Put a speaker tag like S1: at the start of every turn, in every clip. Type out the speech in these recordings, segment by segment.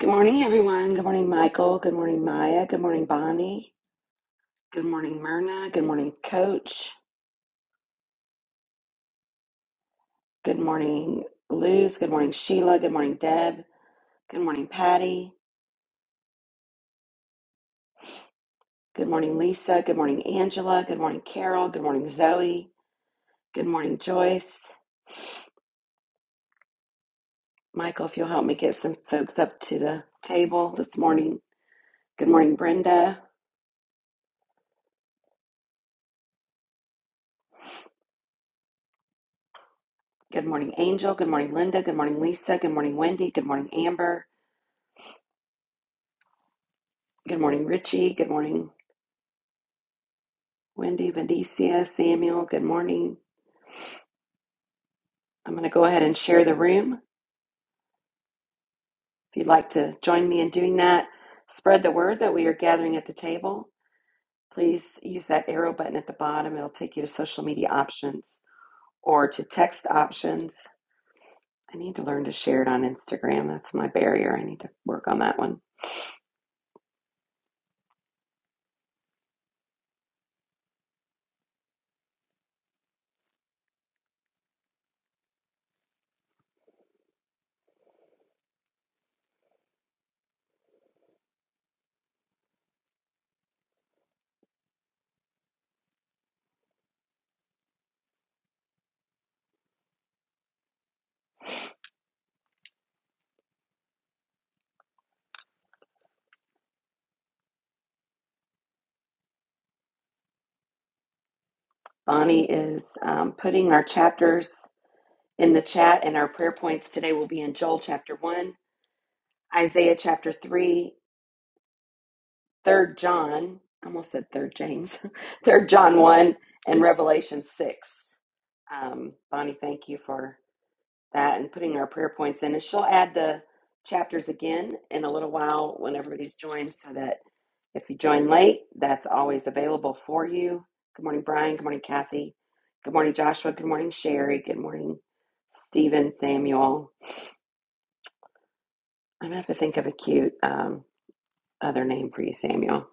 S1: Good morning, everyone. Good morning, Michael. Good morning, Maya. Good morning, Bonnie. Good morning, Myrna. Good morning, Coach. Good morning, Luz. Good morning, Sheila. Good morning, Deb. Good morning, Patty. Good morning, Lisa. Good morning, Angela. Good morning, Carol. Good morning, Zoe. Good morning, Joyce. Michael, if you'll help me get some folks up to the table this morning. Good morning, Brenda. Good morning, Angel. Good morning, Linda. Good morning, Lisa. Good morning, Wendy. Good morning, Amber. Good morning, Richie. Good morning. Wendy, Vendicia, Samuel, good morning. I'm going to go ahead and share the room. If you'd like to join me in doing that, spread the word that we are gathering at the table. Please use that arrow button at the bottom. It'll take you to social media options or to text options. I need to learn to share it on Instagram. That's my barrier. I need to work on that one. Bonnie is um, putting our chapters in the chat, and our prayer points today will be in Joel chapter 1, Isaiah chapter 3, Third John, I almost said Third James, Third John one and Revelation six. Um, Bonnie, thank you for that and putting our prayer points in. And she'll add the chapters again in a little while when everybody's joined, so that if you join late, that's always available for you. Good morning, Brian. Good morning, Kathy. Good morning, Joshua. Good morning, Sherry. Good morning, Stephen, Samuel. I'm gonna have to think of a cute um, other name for you, Samuel.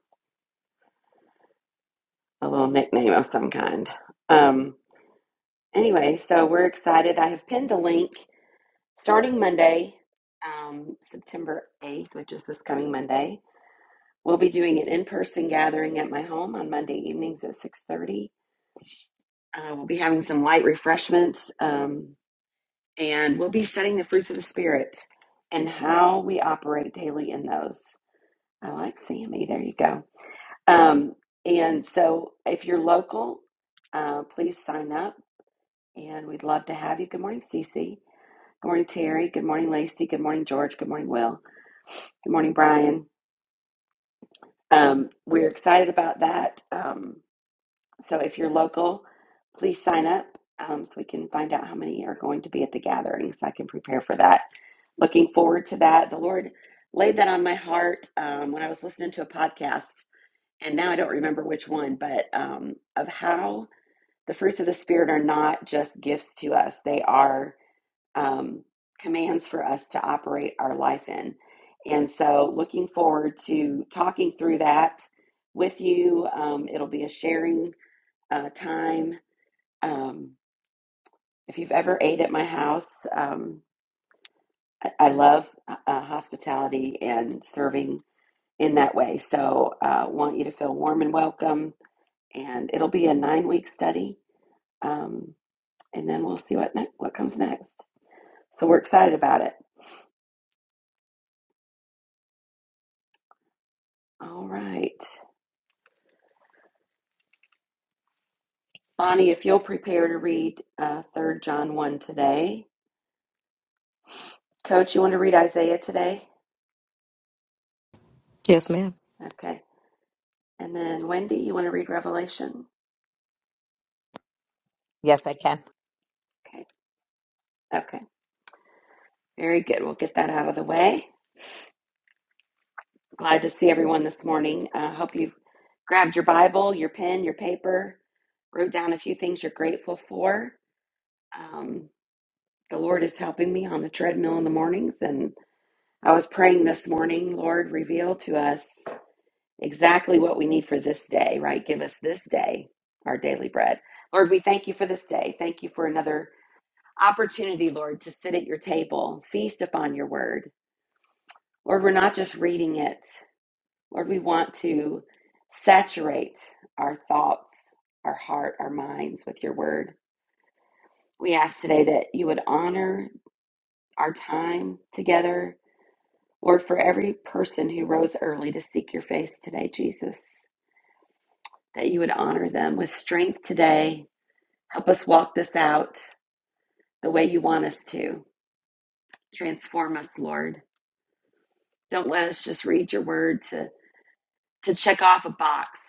S1: A little nickname of some kind. Um, Anyway, so we're excited. I have pinned the link starting Monday, um, September 8th, which is this coming Monday. We'll be doing an in-person gathering at my home on Monday evenings at 6:30. Uh, we'll be having some light refreshments, um, and we'll be studying the fruits of the spirit and how we operate daily in those. I like Sammy. There you go. Um, and so, if you're local, uh, please sign up, and we'd love to have you. Good morning, Cece. Good morning, Terry. Good morning, Lacey. Good morning, George. Good morning, Will. Good morning, Brian. Um, we're excited about that. Um, so if you're local, please sign up um, so we can find out how many are going to be at the gathering so I can prepare for that. Looking forward to that. The Lord laid that on my heart um, when I was listening to a podcast, and now I don't remember which one, but um, of how the fruits of the Spirit are not just gifts to us, they are um, commands for us to operate our life in. And so, looking forward to talking through that with you. Um, it'll be a sharing uh, time. Um, if you've ever ate at my house, um, I, I love uh, uh, hospitality and serving in that way. So, I uh, want you to feel warm and welcome. And it'll be a nine week study. Um, and then we'll see what ne- what comes next. So we're excited about it. All right. Bonnie, if you'll prepare to read uh, 3 John 1 today. Coach, you want to read Isaiah today?
S2: Yes, ma'am.
S1: Okay. And then Wendy, you want to read Revelation?
S3: Yes, I can.
S1: Okay. Okay. Very good. We'll get that out of the way. Glad to see everyone this morning. I uh, hope you've grabbed your Bible, your pen, your paper, wrote down a few things you're grateful for. Um, the Lord is helping me on the treadmill in the mornings. And I was praying this morning, Lord, reveal to us. exactly what we need for this day, right? Give us this day our daily bread. Lord, we thank you for this day. Thank you for another opportunity, Lord, to sit at your table, feast upon your word. Lord, we're not just reading it. Lord, we want to saturate our thoughts, our heart, our minds with your word. We ask today that you would honor our time together. Lord, for every person who rose early to seek your face today, Jesus, that you would honor them with strength today, Help us walk this out the way you want us to. Transform us, Lord. Don't let us just read your word to, to check off a box,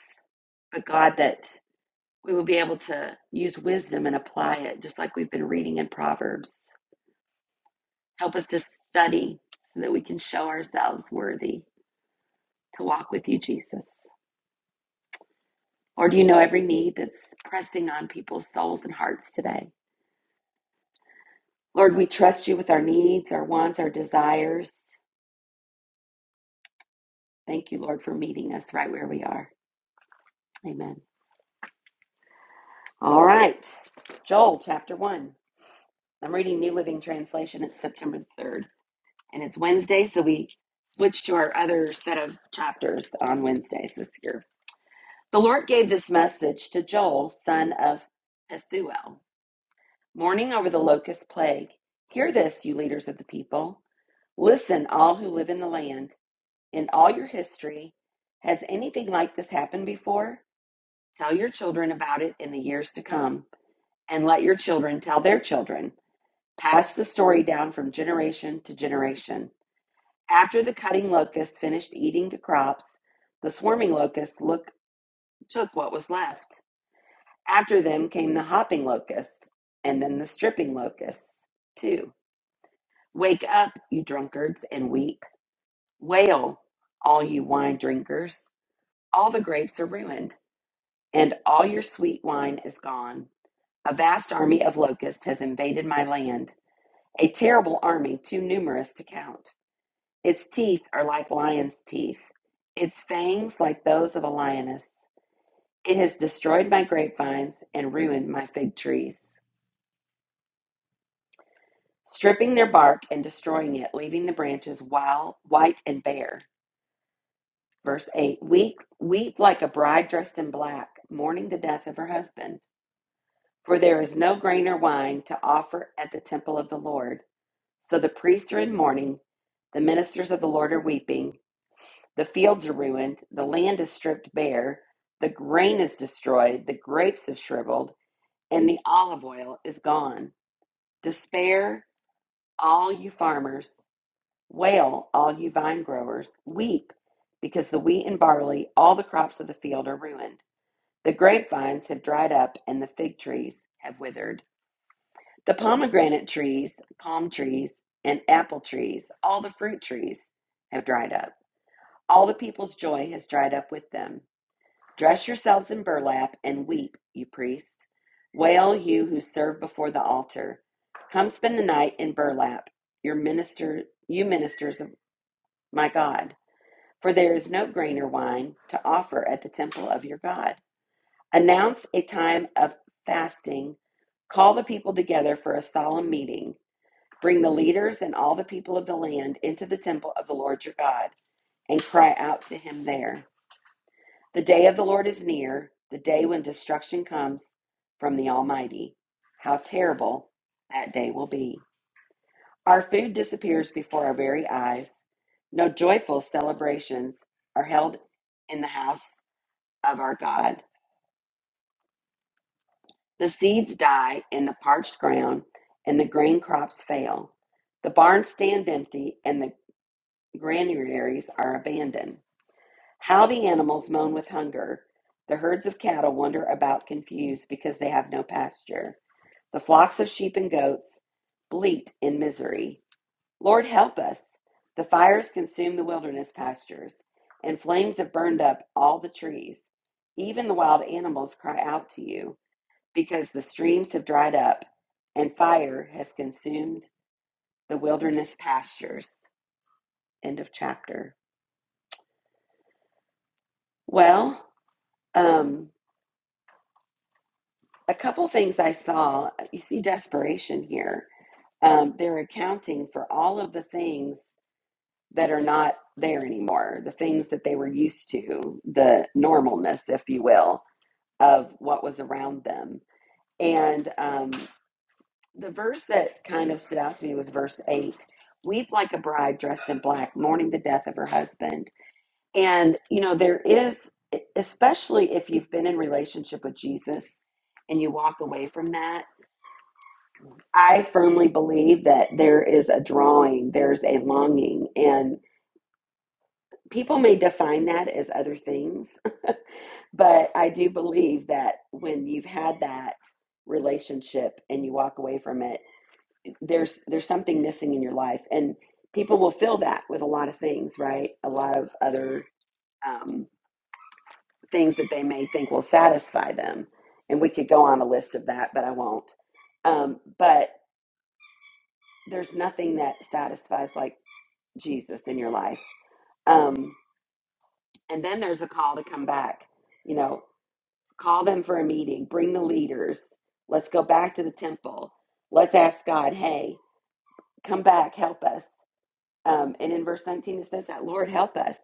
S1: but God, that we will be able to use wisdom and apply it, just like we've been reading in Proverbs. Help us to study so that we can show ourselves worthy to walk with you, Jesus. Lord, you know every need that's pressing on people's souls and hearts today. Lord, we trust you with our needs, our wants, our desires. Thank you, Lord, for meeting us right where we are. Amen. All right. Joel chapter 1. I'm reading New Living Translation. It's September 3rd, and it's Wednesday, so we switched to our other set of chapters on Wednesdays this year. The Lord gave this message to Joel, son of Pethuel, mourning over the locust plague. Hear this, you leaders of the people. Listen, all who live in the land. In all your history, has anything like this happened before? Tell your children about it in the years to come. and let your children tell their children. Pass the story down from generation to generation. After the cutting locusts finished eating the crops, the swarming locusts look, took what was left. After them came the hopping locust, and then the stripping locusts, too. Wake up, you drunkards, and weep. Wail, all you wine drinkers. All the grapes are ruined, and all your sweet wine is gone. A vast army of locusts has invaded my land. A terrible army too numerous to count. Its teeth are like lion's teeth, its fangs like those of a lioness. It has destroyed my grapevines and ruined my fig trees, stripping their bark and destroying it, leaving the branches wild, white, and bare. Verse 8 Weep, weep like a bride dressed in black, mourning the death of her husband. For there is no grain or wine to offer at the temple of the Lord. So the priests are in mourning, the ministers of the Lord are weeping. The fields are ruined, the land is stripped bare, the grain is destroyed, the grapes have shriveled, and the olive oil is gone. Despair, all you farmers, wail, all you vine growers, weep, because the wheat and barley, all the crops of the field are ruined. The grapevines have dried up, and the fig trees have withered. The pomegranate trees, palm trees, and apple trees, all the fruit trees have dried up. All the people's joy has dried up with them Dress yourselves in burlap and weep, you priest. Wail, you who serve before the altar. Come spend the night in burlap, your minister, you ministers of my God. For there is no grain or wine to offer at the temple of your God. Announce a time of fasting. Call the people together for a solemn meeting. Bring the leaders and all the people of the land into the temple of the Lord your God and cry out to him there. The day of the Lord is near, the day when destruction comes from the Almighty. How terrible that day will be! Our food disappears before our very eyes. No joyful celebrations are held in the house of our God. The seeds die in the parched ground, and the grain crops fail. The barns stand empty, and the granaries are abandoned. How the animals moan with hunger. The herds of cattle wander about confused because they have no pasture. The flocks of sheep and goats bleat in misery. Lord, help us. The fires consume the wilderness pastures, and flames have burned up all the trees. Even the wild animals cry out to you because the streams have dried up and fire has consumed the wilderness pastures. End of chapter. Well, um, a couple things I saw. You see desperation here. Um, they're accounting for all of the things that are not there anymore, the things that they were used to, the normalness, if you will, of what was around them. And um, the verse that kind of stood out to me was verse 8 Weep like a bride dressed in black, mourning the death of her husband. And, you know, there is, especially if you've been in relationship with Jesus and you walk away from that I firmly believe that there is a drawing, there's a longing, and people may define that as other things, but I do believe that when you've had that relationship and you walk away from it, there's there's something missing in your life, and people will fill that with a lot of things, right? A lot of other um, things that they may think will satisfy them, and we could go on a list of that, but I won't. Um, but there's nothing that satisfies like Jesus in your life. Um, and then there's a call to come back. You know, call them for a meeting, bring the leaders. Let's go back to the temple. Let's ask God, hey, come back, help us. Um, and in verse 19, it says that, Lord, help us.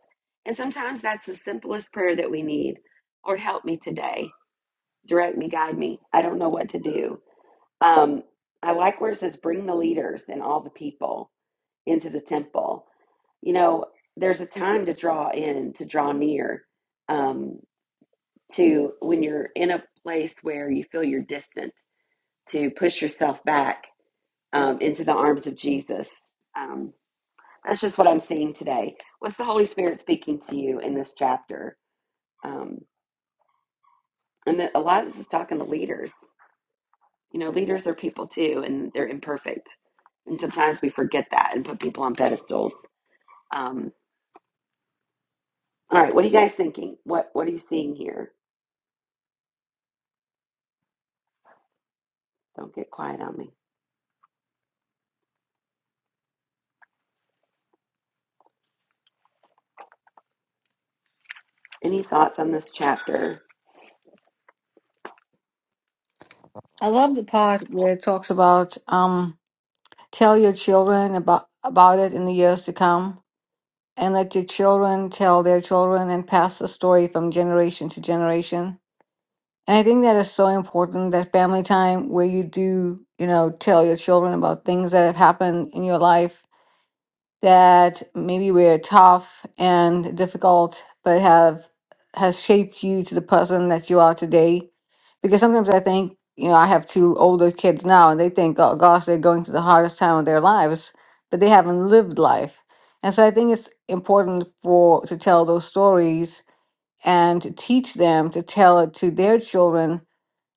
S1: And sometimes that's the simplest prayer that we need. Lord, help me today. Direct me, guide me. I don't know what to do. Um, I like where it says, bring the leaders and all the people into the temple. You know, there's a time to draw in, to draw near, um, to when you're in a place where you feel you're distant, to push yourself back um, into the arms of Jesus. Um, that's just what I'm seeing today. What's the Holy Spirit speaking to you in this chapter? Um, and that a lot of this is talking to leaders. You know, leaders are people too, and they're imperfect. And sometimes we forget that and put people on pedestals. Um, All right, what are you guys thinking? What what are you seeing here? Don't get quiet on me. Any thoughts on this chapter?
S4: I love the part where it talks about um, tell your children about about it in the years to come, and let your children tell their children and pass the story from generation to generation. And I think that is so important that family time where you do, you know, tell your children about things that have happened in your life that maybe were tough and difficult, but have has shaped you to the person that you are today? Because sometimes I think, you know, I have two older kids now, and they think, oh gosh, they're going through the hardest time of their lives, but they haven't lived life. And so I think it's important for to tell those stories and to teach them to tell it to their children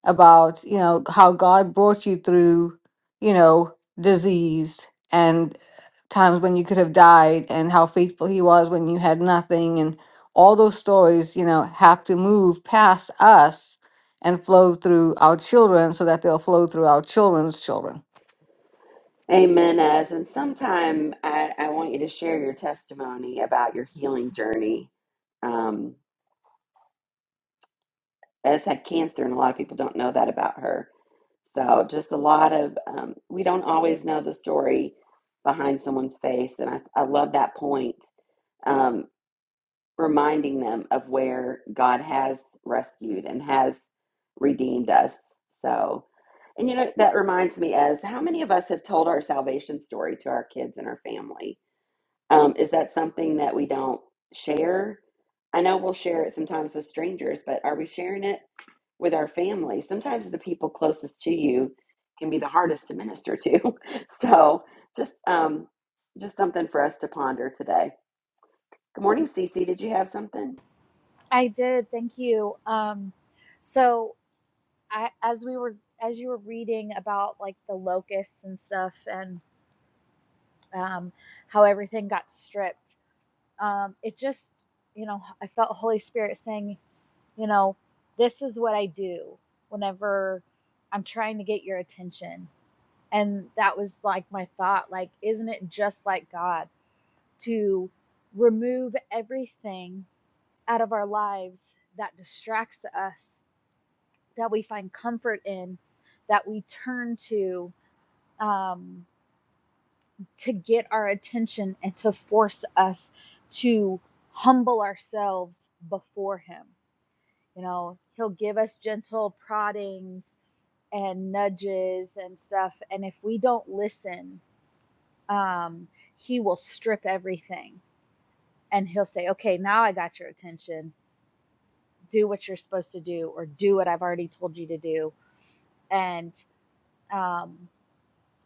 S4: about you know how god brought you through you know disease and times when you could have died and how faithful he was when you had nothing and all those stories you know have to move past us and flow through our children so that they'll flow through our children's children
S1: Amen. As and sometime I, I want you to share your testimony about your healing journey. Um, Ez had cancer, and a lot of people don't know that about her. So just a lot of um, we don't always know the story behind someone's face, and I, I love that point Um, reminding them of where God has rescued and has redeemed us. So, and you know, that reminds me as how many of us have told our salvation story to our kids and our family? Um, is that something that we don't share? I know we'll share it sometimes with strangers, but are we sharing it with our family? Sometimes the people closest to you can be the hardest to minister to. so, just um, just something for us to ponder today. Good morning, Cece. Did you have something?
S5: I did. Thank you. Um, so I, as we were, as you were reading about like the locusts and stuff and um, how everything got stripped, um, it just, you know, I felt Holy Spirit saying, you know, this is what I do whenever I'm trying to get your attention. And that was like my thought, like, isn't it just like God to remove everything out of our lives that distracts us that we find comfort in, that we turn to um, to get our attention and to force us to humble ourselves before Him. You know, He'll give us gentle proddings and nudges and stuff. And if we don't listen, um, He will strip everything and He'll say, okay, now I got your attention. Do what you're supposed to do, or do what I've already told you to do. And, um,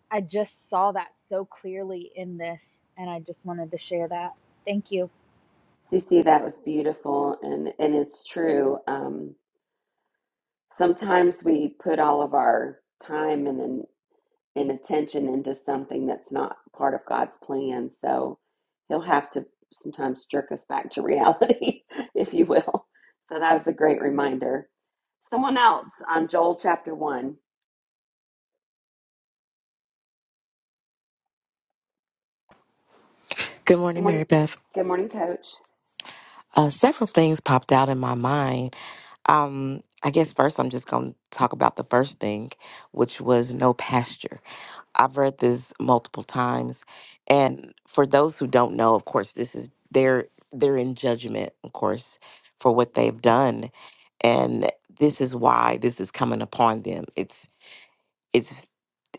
S5: I just saw that so clearly in this, and I just wanted to share that. Thank you.
S1: Cece, that was beautiful, and and it's true. Um, sometimes we put all of our time and and and attention into something that's not part of God's plan. So He'll have to sometimes jerk us back to reality, if you will. So that was a great reminder. Someone else on Joel chapter one.
S2: Good morning,
S1: Good morning,
S2: Mary Beth.
S1: good morning, Coach.
S2: Uh, several things popped out in my mind. Um, I guess first I'm just going to talk about the first thing, which was no pasture. I've read this multiple times, and for those who don't know, of course, this is they're they're in judgment, of course, for what they've done, and this is why this is coming upon them. It's it's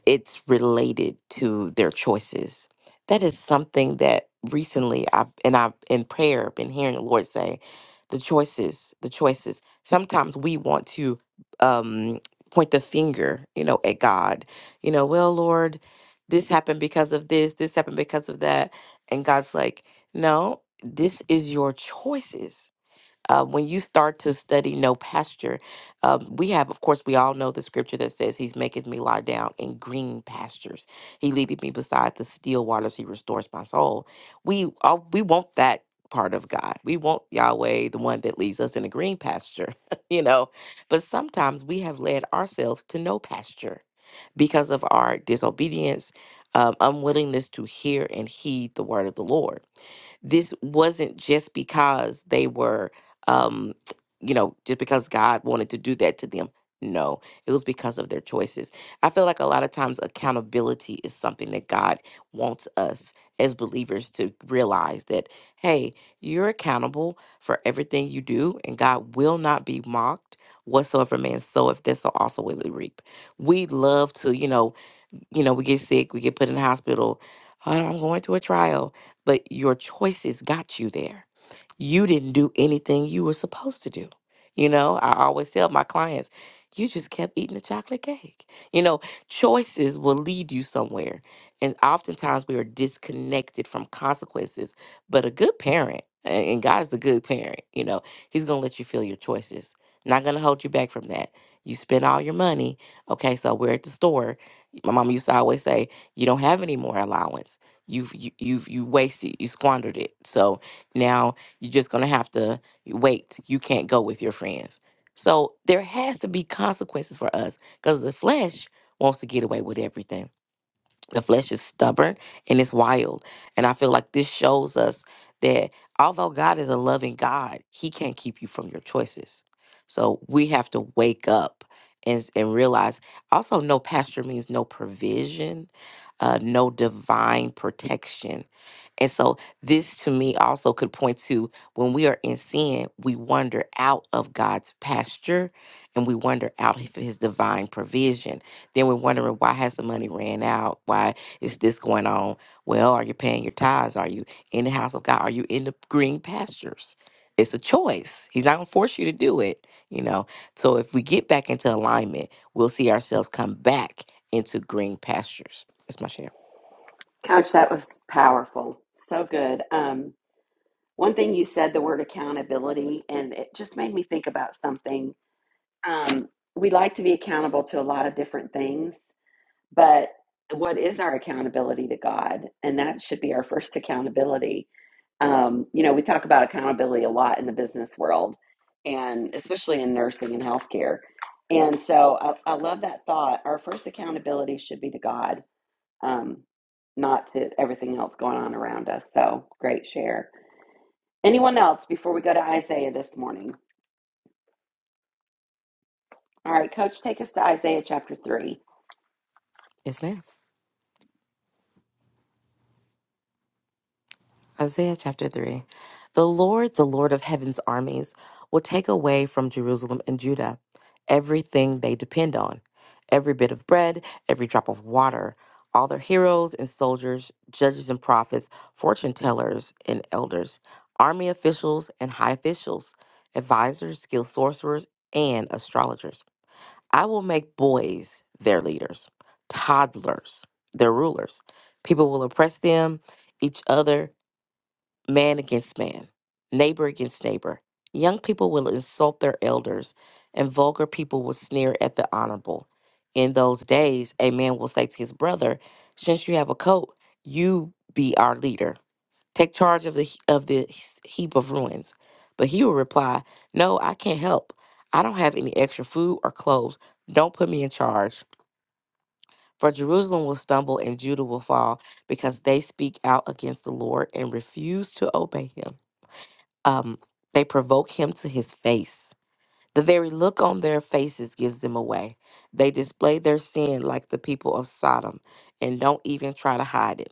S2: it's related to their choices. That is something that recently I've and I've in prayer been hearing the Lord say, the choices, the choices. Sometimes we want to um point the finger, you know, at God. You know, well, Lord, this happened because of this, this happened because of that. And God's like, no, this is your choices uh, when you start to study no pasture, um, we have, of course, we all know the scripture that says, He's maketh me lie down in green pastures. He leadeth me beside the still waters. He restores my soul. We all, we want that part of God. We want Yahweh, the one that leads us in a green pasture, you know. But sometimes we have led ourselves to no pasture because of our disobedience, um, unwillingness to hear and heed the word of the Lord this wasn't just because they were, um, you know, just because God wanted to do that to them. No, it was because of their choices. I feel like a lot of times accountability is something that God wants us as believers to realize that, hey, you're accountable for everything you do, and God will not be mocked. Whatsoever man soweth, this will also will he reap. We love to, you know, you know, we get sick, we get put in the hospital. Oh, I'm going to a trial. But your choices got you there. You didn't do anything you were supposed to do. You know, I always tell my clients, you just kept eating a chocolate cake. You know, choices will lead you somewhere. And oftentimes we are disconnected from consequences. But a good parent, a- and God's a good parent, you know, He's going to let you feel your choices. Not going to hold you back from that. You spend all your money. Okay, so we're at the store my mama used to always say, "You don't have any more allowance. You've you, you've you wasted. You squandered it. So now you're just gonna have to wait. You can't go with your friends. So there has to be consequences for us because the flesh wants to get away with everything the flesh is stubborn and it's wild. And I feel like this shows us that although God is a loving God, He can't keep you from your choices. So we have to wake up and, s- and realize also, no pasture means no provision, uh, no divine protection. And so, this to me also could point to when we are in sin, we wander out of God's pasture and we wander out of his divine provision. Then we're wondering, why has the money ran out? Why is this going on? Well, are you paying your tithes? Are you in the house of God? Are you in the green pastures? It's a choice. He's not going to force you to do it, you know. So, if we get back into alignment, we'll see ourselves come back into green pastures. That's my share.
S1: Coach, that was powerful. So good. Um, One thing you said, the word accountability, and it just made me think about something. Um, we like to be accountable to a lot of different things, but what is our accountability to God? And that should be our first accountability. Um, you know, we talk about accountability a lot in the business world, and especially in nursing and healthcare. And so I, I love that thought. Our first accountability should be to God, um, not to everything else going on around us. So great share. Anyone else before we go to Isaiah this morning? All right, Coach, take us to Isaiah chapter 3.
S2: Yes, ma'am. Isaiah chapter 3. The Lord, the Lord of heaven's armies, will take away from Jerusalem and Judah everything they depend on every bit of bread, every drop of water, all their heroes and soldiers, judges and prophets, fortune tellers and elders, army officials and high officials, advisors, skilled sorcerers, and astrologers. I will make boys their leaders, toddlers their rulers. People will oppress them, each other man against man, neighbor against neighbor. Young people will insult their elders, and vulgar people will sneer at the honorable. In those days, a man will say to his brother, "Since you have a coat, you be our leader. Take charge of the of this heap of ruins." But he will reply, "No, I can't help. I don't have any extra food or clothes. Don't put me in charge." For Jerusalem will stumble and Judah will fall because they speak out against the Lord and refuse to obey him um, they provoke him to his face. The very look on their faces gives them away. They display their sin like the people of Sodom and don't even try to hide it.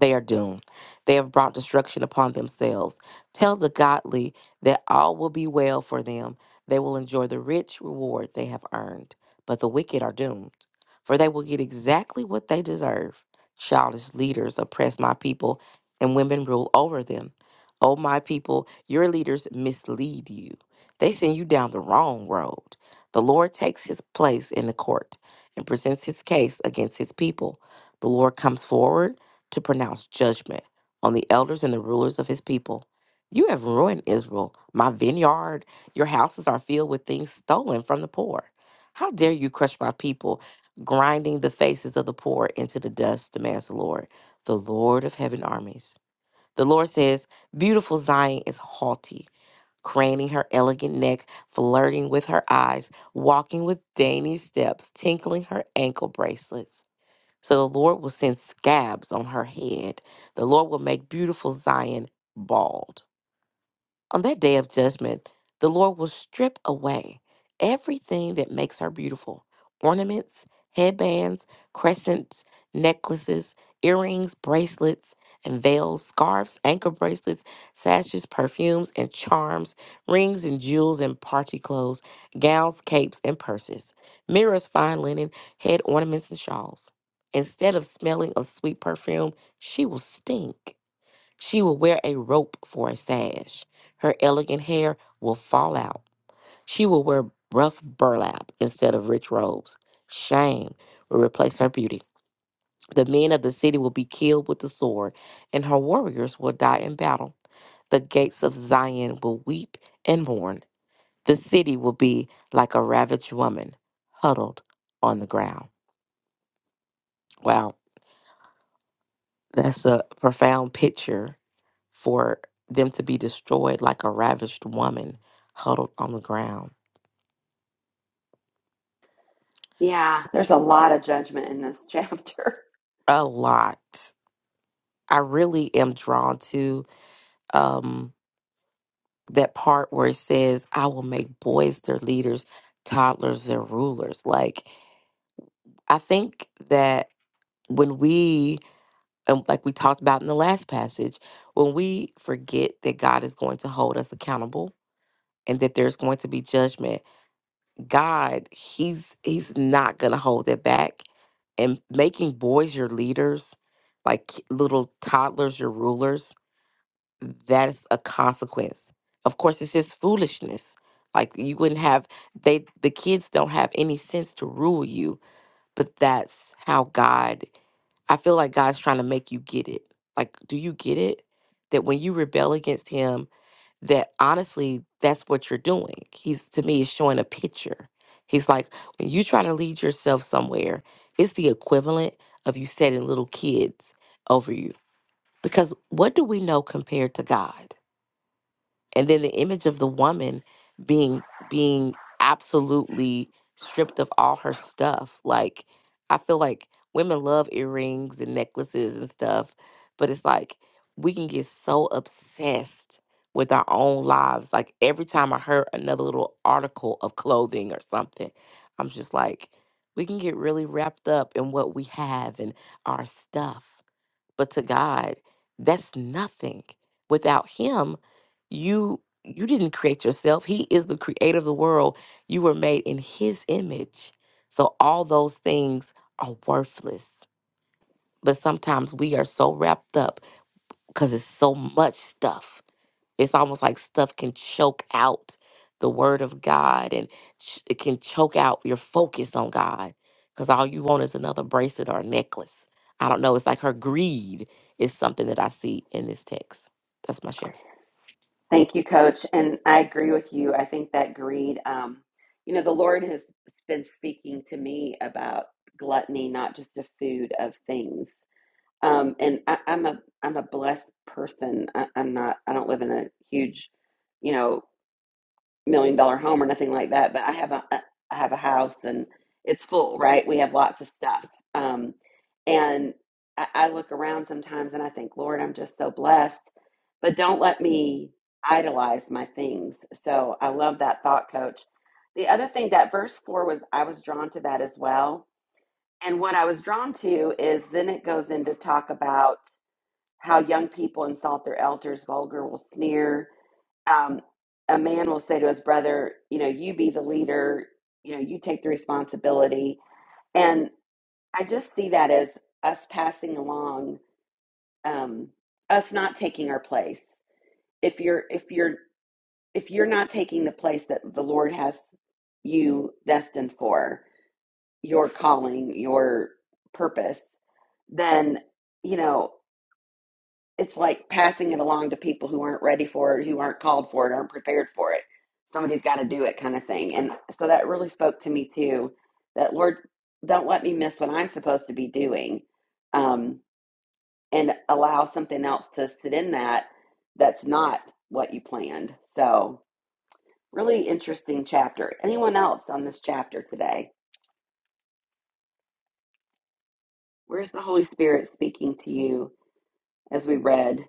S2: They are doomed. They have brought destruction upon themselves. Tell the godly that all will be well for them. They will enjoy the rich reward they have earned. But the wicked are doomed, for they will get exactly what they deserve. Childish leaders oppress my people, and women rule over them. O my people, your leaders mislead you. They send you down the wrong road. The Lord takes his place in the court and presents his case against his people. The Lord comes forward to pronounce judgment on the elders and the rulers of his people. You have ruined Israel, my vineyard. Your houses are filled with things stolen from the poor. How dare you crush my people, grinding the faces of the poor into the dust, demands the Lord, the Lord of heaven armies. The Lord says, Beautiful Zion is haughty, craning her elegant neck, flirting with her eyes, walking with dainty steps, tinkling her ankle bracelets. So the Lord will send scabs on her head. The Lord will make beautiful Zion bald. On that day of judgment, the Lord will strip away everything that makes her beautiful ornaments, headbands, crescents, necklaces, earrings, bracelets, and veils, scarves, ankle bracelets, sashes, perfumes, and charms, rings and jewels and party clothes, gowns, capes, and purses, mirrors, fine linen, head ornaments, and shawls. Instead of smelling of sweet perfume, she will stink she will wear a rope for a sash. Her elegant hair will fall out. She will wear rough burlap instead of rich robes. Shame will replace her beauty. The men of the city will be killed with the sword, and her warriors will die in battle. The gates of Zion will weep and mourn. The city will be like a ravaged woman huddled on the ground. Wow, that's a profound picture for them to be destroyed like a ravished woman huddled on the ground.
S1: Yeah, there's a lot of judgment in this chapter.
S2: A lot. I really am drawn to um, that part where it says, I will make boys their leaders, toddlers their rulers. Like, I think that when we, and like we talked about in the last passage, when we forget that God is going to hold us accountable and that there's going to be judgment, God, he's he's not gonna hold it back. And making boys your leaders, like ki- little toddlers your rulers, that's a consequence. Of course, it's just foolishness. Like you wouldn't have they the kids don't have any sense to rule you, but that's how God I feel like God's trying to make you get it. Like, do you get it? That when you rebel against him that honestly that's what you're doing he's to me is showing a picture he's like when you try to lead yourself somewhere it's the equivalent of you setting little kids over you because what do we know compared to god and then the image of the woman being being absolutely stripped of all her stuff like i feel like women love earrings and necklaces and stuff but it's like we can get so obsessed with our own lives like every time i heard another little article of clothing or something i'm just like we can get really wrapped up in what we have and our stuff but to God, that's nothing. Without him, you you didn't create yourself. He is the creator of the world. You were made in his image. So all those things are worthless. But sometimes we are so wrapped up because it's so much stuff it's almost like stuff can choke out the word of God and ch- it can choke out your focus on God because all you want is another bracelet or a necklace. I don't know. It's like her greed is something that I see in this text. That's my share.
S1: Thank you, Coach. And I agree with you. I think that greed, um, you know, the Lord has been speaking to me about gluttony, not just a food of things. Um, and I, I'm a I'm a blessed person. I, I'm not. I don't live in a huge, you know. million dollar home or nothing like that, but I have a uh, I have a house and it's full, right? We have lots of stuff. Um, and I, I look around sometimes and I think, Lord, I'm just so blessed. But don't let me idolize my things. So I love that thought, coach. The other thing that verse four was I was drawn to that as well. And what I was drawn to is then it goes into talk about how young people insult their elders, vulgar will sneer um, a man will say to his brother, you know, you be the leader, you know, you take the responsibility. And I just see that as us passing along, um, us not taking our place. If you're, if you're, if you're not taking the place that the Lord has you destined for, your calling, your purpose, then, you know, it's like passing it along to people who aren't ready for it, who aren't called for it, aren't prepared for it. Somebody's got to do it, kind of thing. And so that really spoke to me too. That Lord, don't let me miss what I'm supposed to be doing, um, and allow something else to sit in that that's not what you planned. So really interesting chapter. Anyone else on this chapter today? Where's the Holy Spirit speaking to you as we read?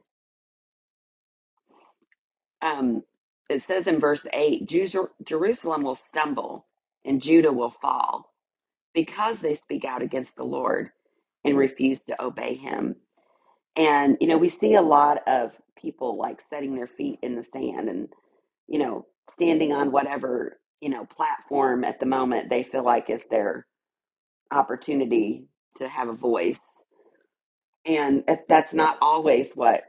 S1: um, it says in verse 8 Jerusalem will stumble and Judah will fall because they speak out against the Lord and refuse to obey him. And, you know, we see a lot of people like setting their feet in the sand and, you know, standing on whatever, you know, platform at the moment they feel like is their opportunity to have a voice. And if that's not always what,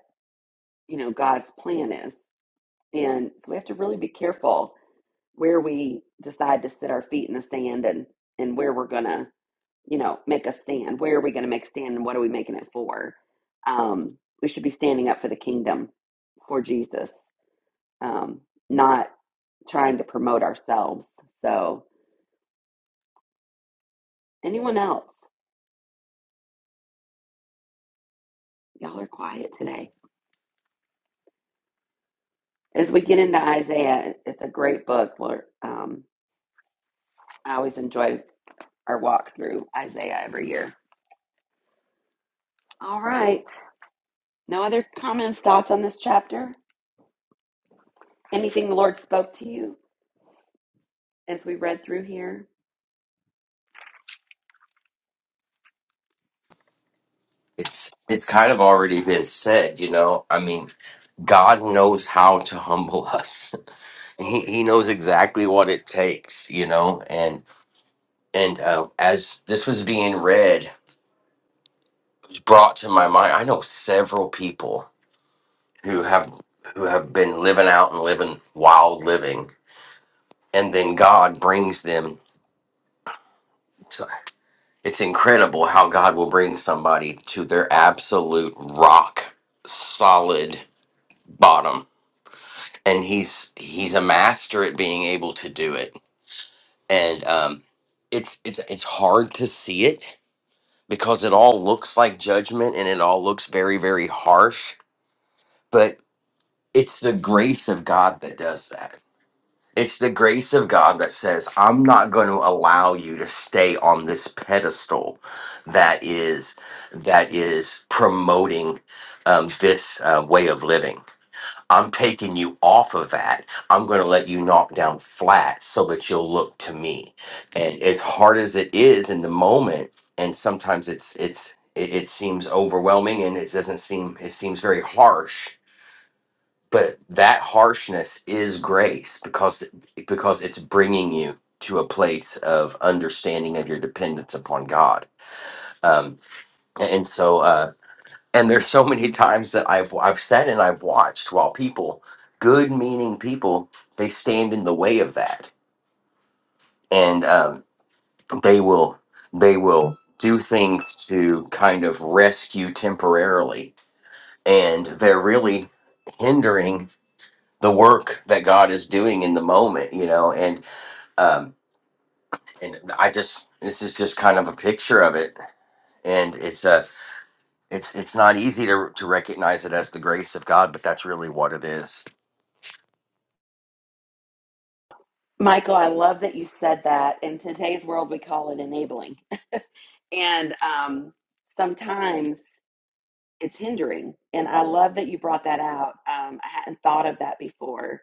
S1: you know, God's plan is. And so we have to really be careful where we decide to sit our feet in the sand and and where we're gonna you know make a stand where are we gonna make a stand and what are we making it for um we should be standing up for the kingdom for jesus um not trying to promote ourselves so anyone else y'all are quiet today as we get into isaiah it's a great book we're, um i always enjoy our walk through isaiah every year all right no other comments thoughts on this chapter Anything the Lord spoke to you as we read through here?
S6: It's it's kind of already been said, you know. I mean, God knows how to humble us. He He knows exactly what it takes, you know. And and uh, as this was being read, it brought to my mind, I know several people who have who have been living out and living wild living, and then God brings them. To, it's incredible how God will bring somebody to their absolute rock solid bottom and he's he's a master at being able to do it and um it's it's it's hard to see it because it all looks like judgment and it all looks very very harsh but it's the grace of god that does that it's the grace of god that says i'm not going to allow you to stay on this pedestal that is that is promoting um, this uh, way of living I'm taking you off of that. I'm going to let you knock down flat so that you'll look to me. And as hard as it is in the moment, and sometimes it's it's it, it seems overwhelming and it doesn't seem it seems very harsh, but that harshness is grace because because it's bringing you to a place of understanding of your dependence upon God. Um, and and so. Uh, and there's so many times that I've I've said and I've watched while people, good meaning people, they stand in the way of that, and um, they will they will do things to kind of rescue temporarily, and they're really hindering the work that God is doing in the moment, you know. And um, and I just this is just kind of a picture of it, and it's a. It's, it's not easy to, to recognize it as the grace of God, but that's really what it is.
S1: Michael, I love that you said that. In today's world, we call it enabling. And um, sometimes it's hindering. And I love that you brought that out. Um, I hadn't thought of that before.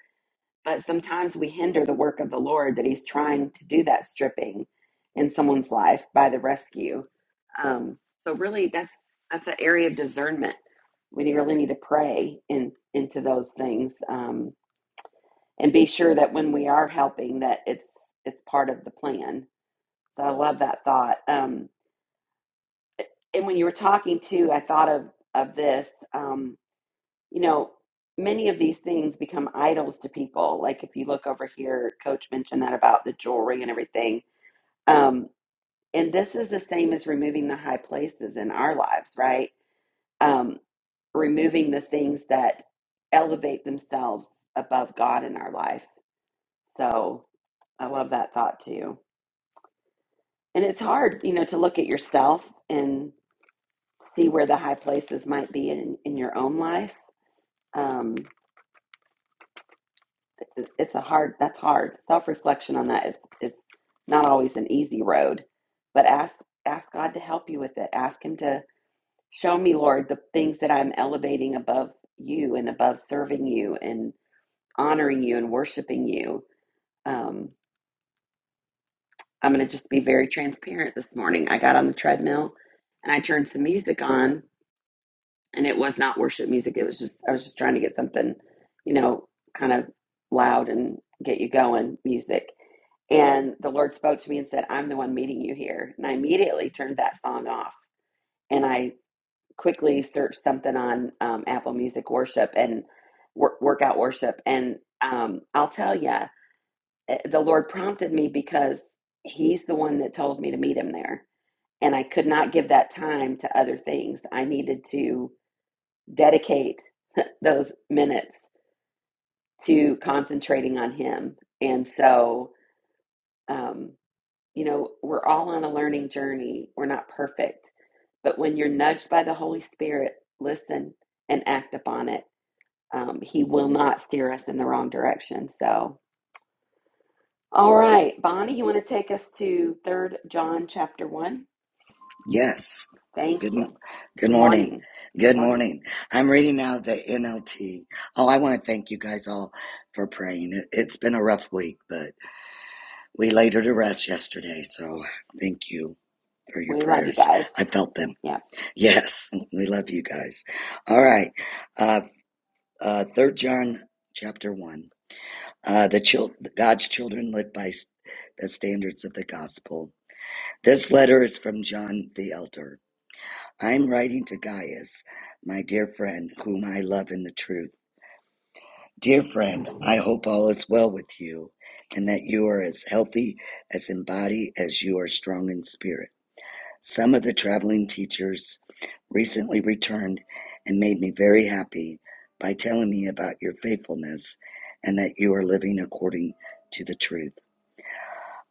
S1: But sometimes we hinder the work of the Lord that He's trying to do that stripping in someone's life by the rescue. Um, so really, that's that's an area of discernment. We really need to pray in into those things. Um, and be sure that when we are helping that it's it's part of the plan so i love that thought um, and when you were talking too i thought of of this um, you know many of these things become idols to people like if you look over here coach mentioned that about the jewelry and everything um, and this is the same as removing the high places in our lives right um, removing the things that elevate themselves above god in our life so i love that thought too And it's hard, you know, to look at yourself and see where the high places might be in, in your own life. Um, it- it's a hard, that's hard. Self reflection on that is, is not always an easy road, but ask, ask God to help you with it. Ask Him to show me, Lord, the things that I'm elevating above you and above serving you and honoring you and worshiping you. Um, I'm going to just be very transparent this morning. I got on the treadmill and I turned some music on and it was not worship music. It was just I was just trying to get something, you know, kind of loud and get you going music. And the Lord spoke to me and said, "I'm the one meeting you here." And I immediately turned that song off, and I quickly searched something on um, Apple Music worship and wor- workout worship. And um, I'll tell you, the Lord prompted me because He's the one that told me to meet Him there, and I could not give that time to other things. I needed to dedicate those minutes to concentrating on Him. And so, um, you know, we're all on a learning journey. We're not perfect. But when you're nudged by the Holy Spirit, listen and act upon it. Um, he will not steer us in the wrong direction. So, all right, Bonnie, you want to take us to 3rd John chapter 1?
S7: Yes.
S1: Thank
S7: Good,
S1: you.
S7: m- good
S1: Good
S7: morning.
S1: morning. Good
S7: Good
S1: morning.
S7: morning. I'm reading now the NLT. Oh, I want to thank you guys all for praying. It, it's been a rough week, but we laid her to rest yesterday. So thank you for your
S1: We love you
S7: prayers.
S1: guys.
S7: I felt them.
S1: Yeah.
S7: Yes, we love you guys. All right. Uh, uh, Third John chapter one. Uh, the chil- God's children live by s- the standards of the gospel. This letter is from John the elder I'm writing to Gaius, my dear friend, whom I love in the truth. Dear friend, I hope all is well with you, and that you are as healthy as in body as you are strong in spirit. Some of the traveling teachers recently returned and made me very happy by telling me about your faithfulness and that you are living according to the truth.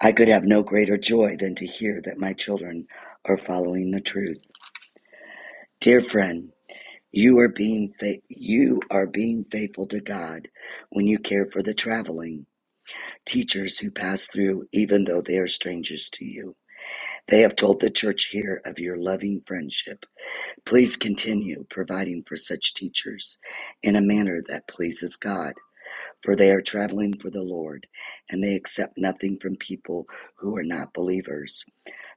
S7: I could have no greater joy than to hear that my children are following the truth. Dear friend, You are being fa- you are being faithful to God when you care for the traveling teachers who pass through even though they are strangers to you. They have told the church here of your loving friendship. Please continue providing for such teachers in a manner that pleases God, for they are traveling for the Lord, and they accept nothing from people who are not believers.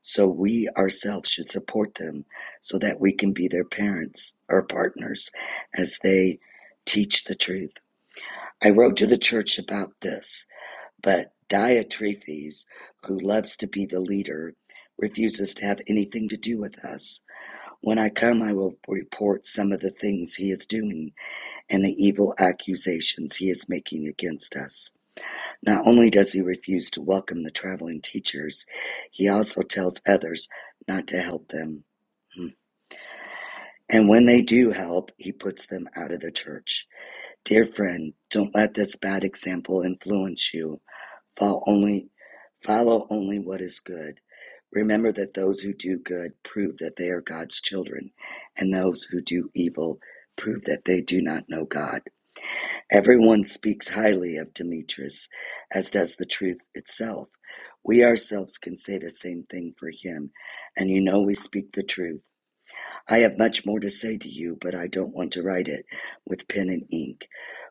S7: So we ourselves should support them so that we can be their parents or partners as they teach the truth. I wrote to the church about this, but Diotrephes, who loves to be the leader, refuses to have anything to do with us. When I come, I will report some of the things he is doing and the evil accusations he is making against us. Not only does he refuse to welcome the traveling teachers, he also tells others not to help them. Hmm. And when they do help, he puts them out of the church. Dear friend, don't let this bad example influence you. Follow only, follow only what is good. Remember that those who do good prove that they are God's children, and those who do evil prove that they do not know God. Everyone speaks highly of Demetrius, as does the truth itself. We ourselves can say the same thing for him, and you know we speak the truth. I have much more to say to you, but I don't want to write it with pen and ink,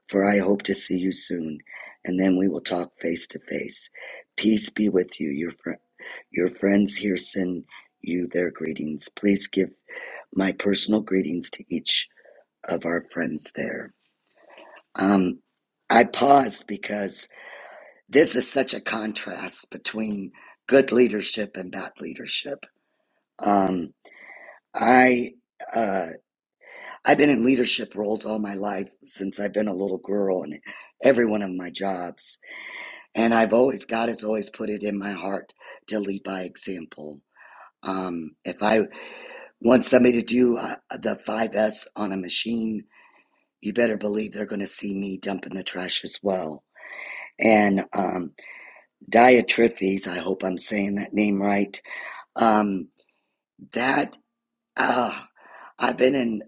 S7: for I hope to see you soon, and then we will talk face to face. Peace be with you. Your, fr- your friends here send you their greetings. Please give my personal greetings to each of our friends there. Um, I paused because this is such a contrast between good leadership and bad leadership. Um, I uh, I've been in leadership roles all my life since I've been a little girl, in every one of my jobs, and I've always God has always put it in my heart to lead by example. Um, if I want somebody to do uh, the five S on a machine, you better believe they're going to see me dumping the trash as well. And um, Diotrephes, I hope I'm saying that name right. Um, that uh, I've been in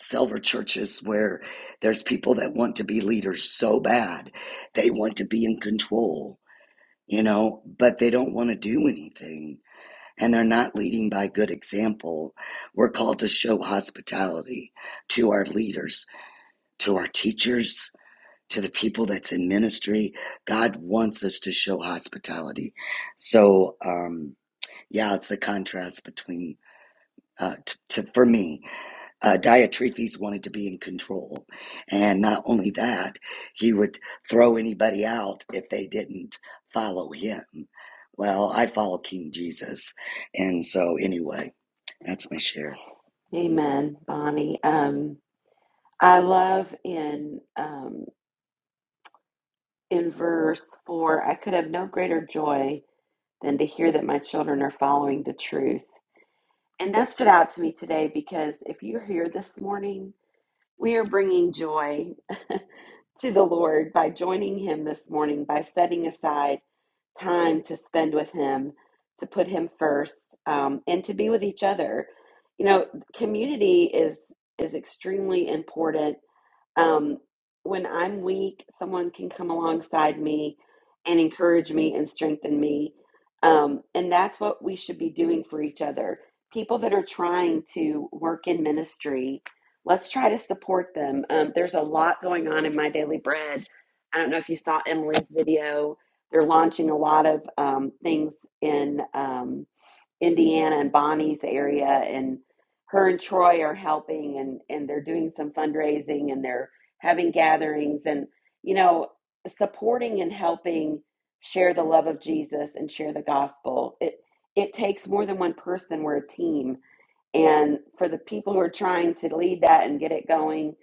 S7: silver churches where there's people that want to be leaders so bad, they want to be in control, you know, but they don't want to do anything. And they're not leading by good example. We're called to show hospitality to our leaders, to our teachers, to the people that's in ministry. God wants us to show hospitality. So, um, Yeah, it's the contrast between uh, t- to for me, uh, Diotrephes wanted to be in control, and not only that, he would throw anybody out if they didn't follow him. Well, I follow King Jesus, and so anyway, that's my share.
S1: Amen, Bonnie. Um. I love in um, in verse four. I could have no greater joy than to hear that my children are following the truth, and that stood out to me today because if you're here this morning, we are bringing joy to the Lord by joining Him this morning by setting aside time to spend with Him, to put Him first, um, and to be with each other. You know, community is is extremely important Um, when I'm weak, someone can come alongside me and encourage me and strengthen me. Um, and that's what we should be doing for each other. People that are trying to work in ministry, let's try to support them. Um, there's a lot going on in My Daily Bread. I don't know if you saw Emily's video. They're launching a lot of um, things in. um. Indiana and Bonnie's area, and her and Troy are helping, and and they're doing some fundraising, and they're having gatherings, and you know, supporting and helping share the love of Jesus and share the gospel. It it takes more than one person. We're a team, and for the people who are trying to lead that and get it going,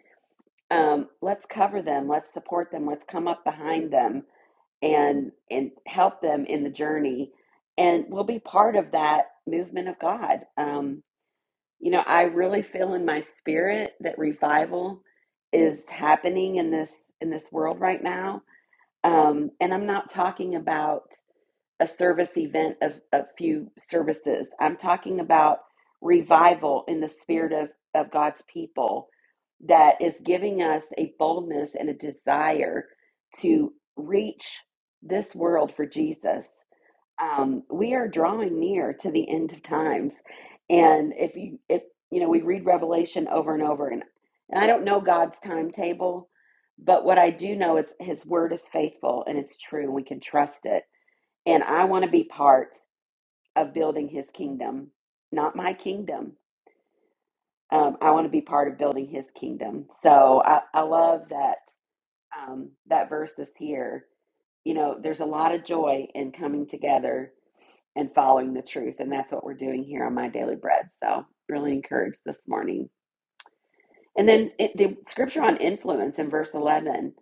S1: um, let's cover them, let's support them, let's come up behind them and and help them in the journey and we'll be part of that movement of god um you know i really feel in my spirit that revival is happening in this in this world right now um and i'm not talking about a service event of a few services. I'm talking about revival in the spirit of, of God's people that is giving us a boldness and a desire to reach this world for Jesus. Um, we are drawing near to the end of times. And if you if you know, we read Revelation over and over and and I don't know God's timetable, but what I do know is his word is faithful and it's true and we can trust it and I want to be part of building his kingdom, not my kingdom. Um, I want to be part of building his kingdom. So I, I love that um, that verse is here. You know, there's a lot of joy in coming together and following the truth, and that's what we're doing here on My Daily Bread. So really encouraged this morning. And then it, the scripture on influence in verse 11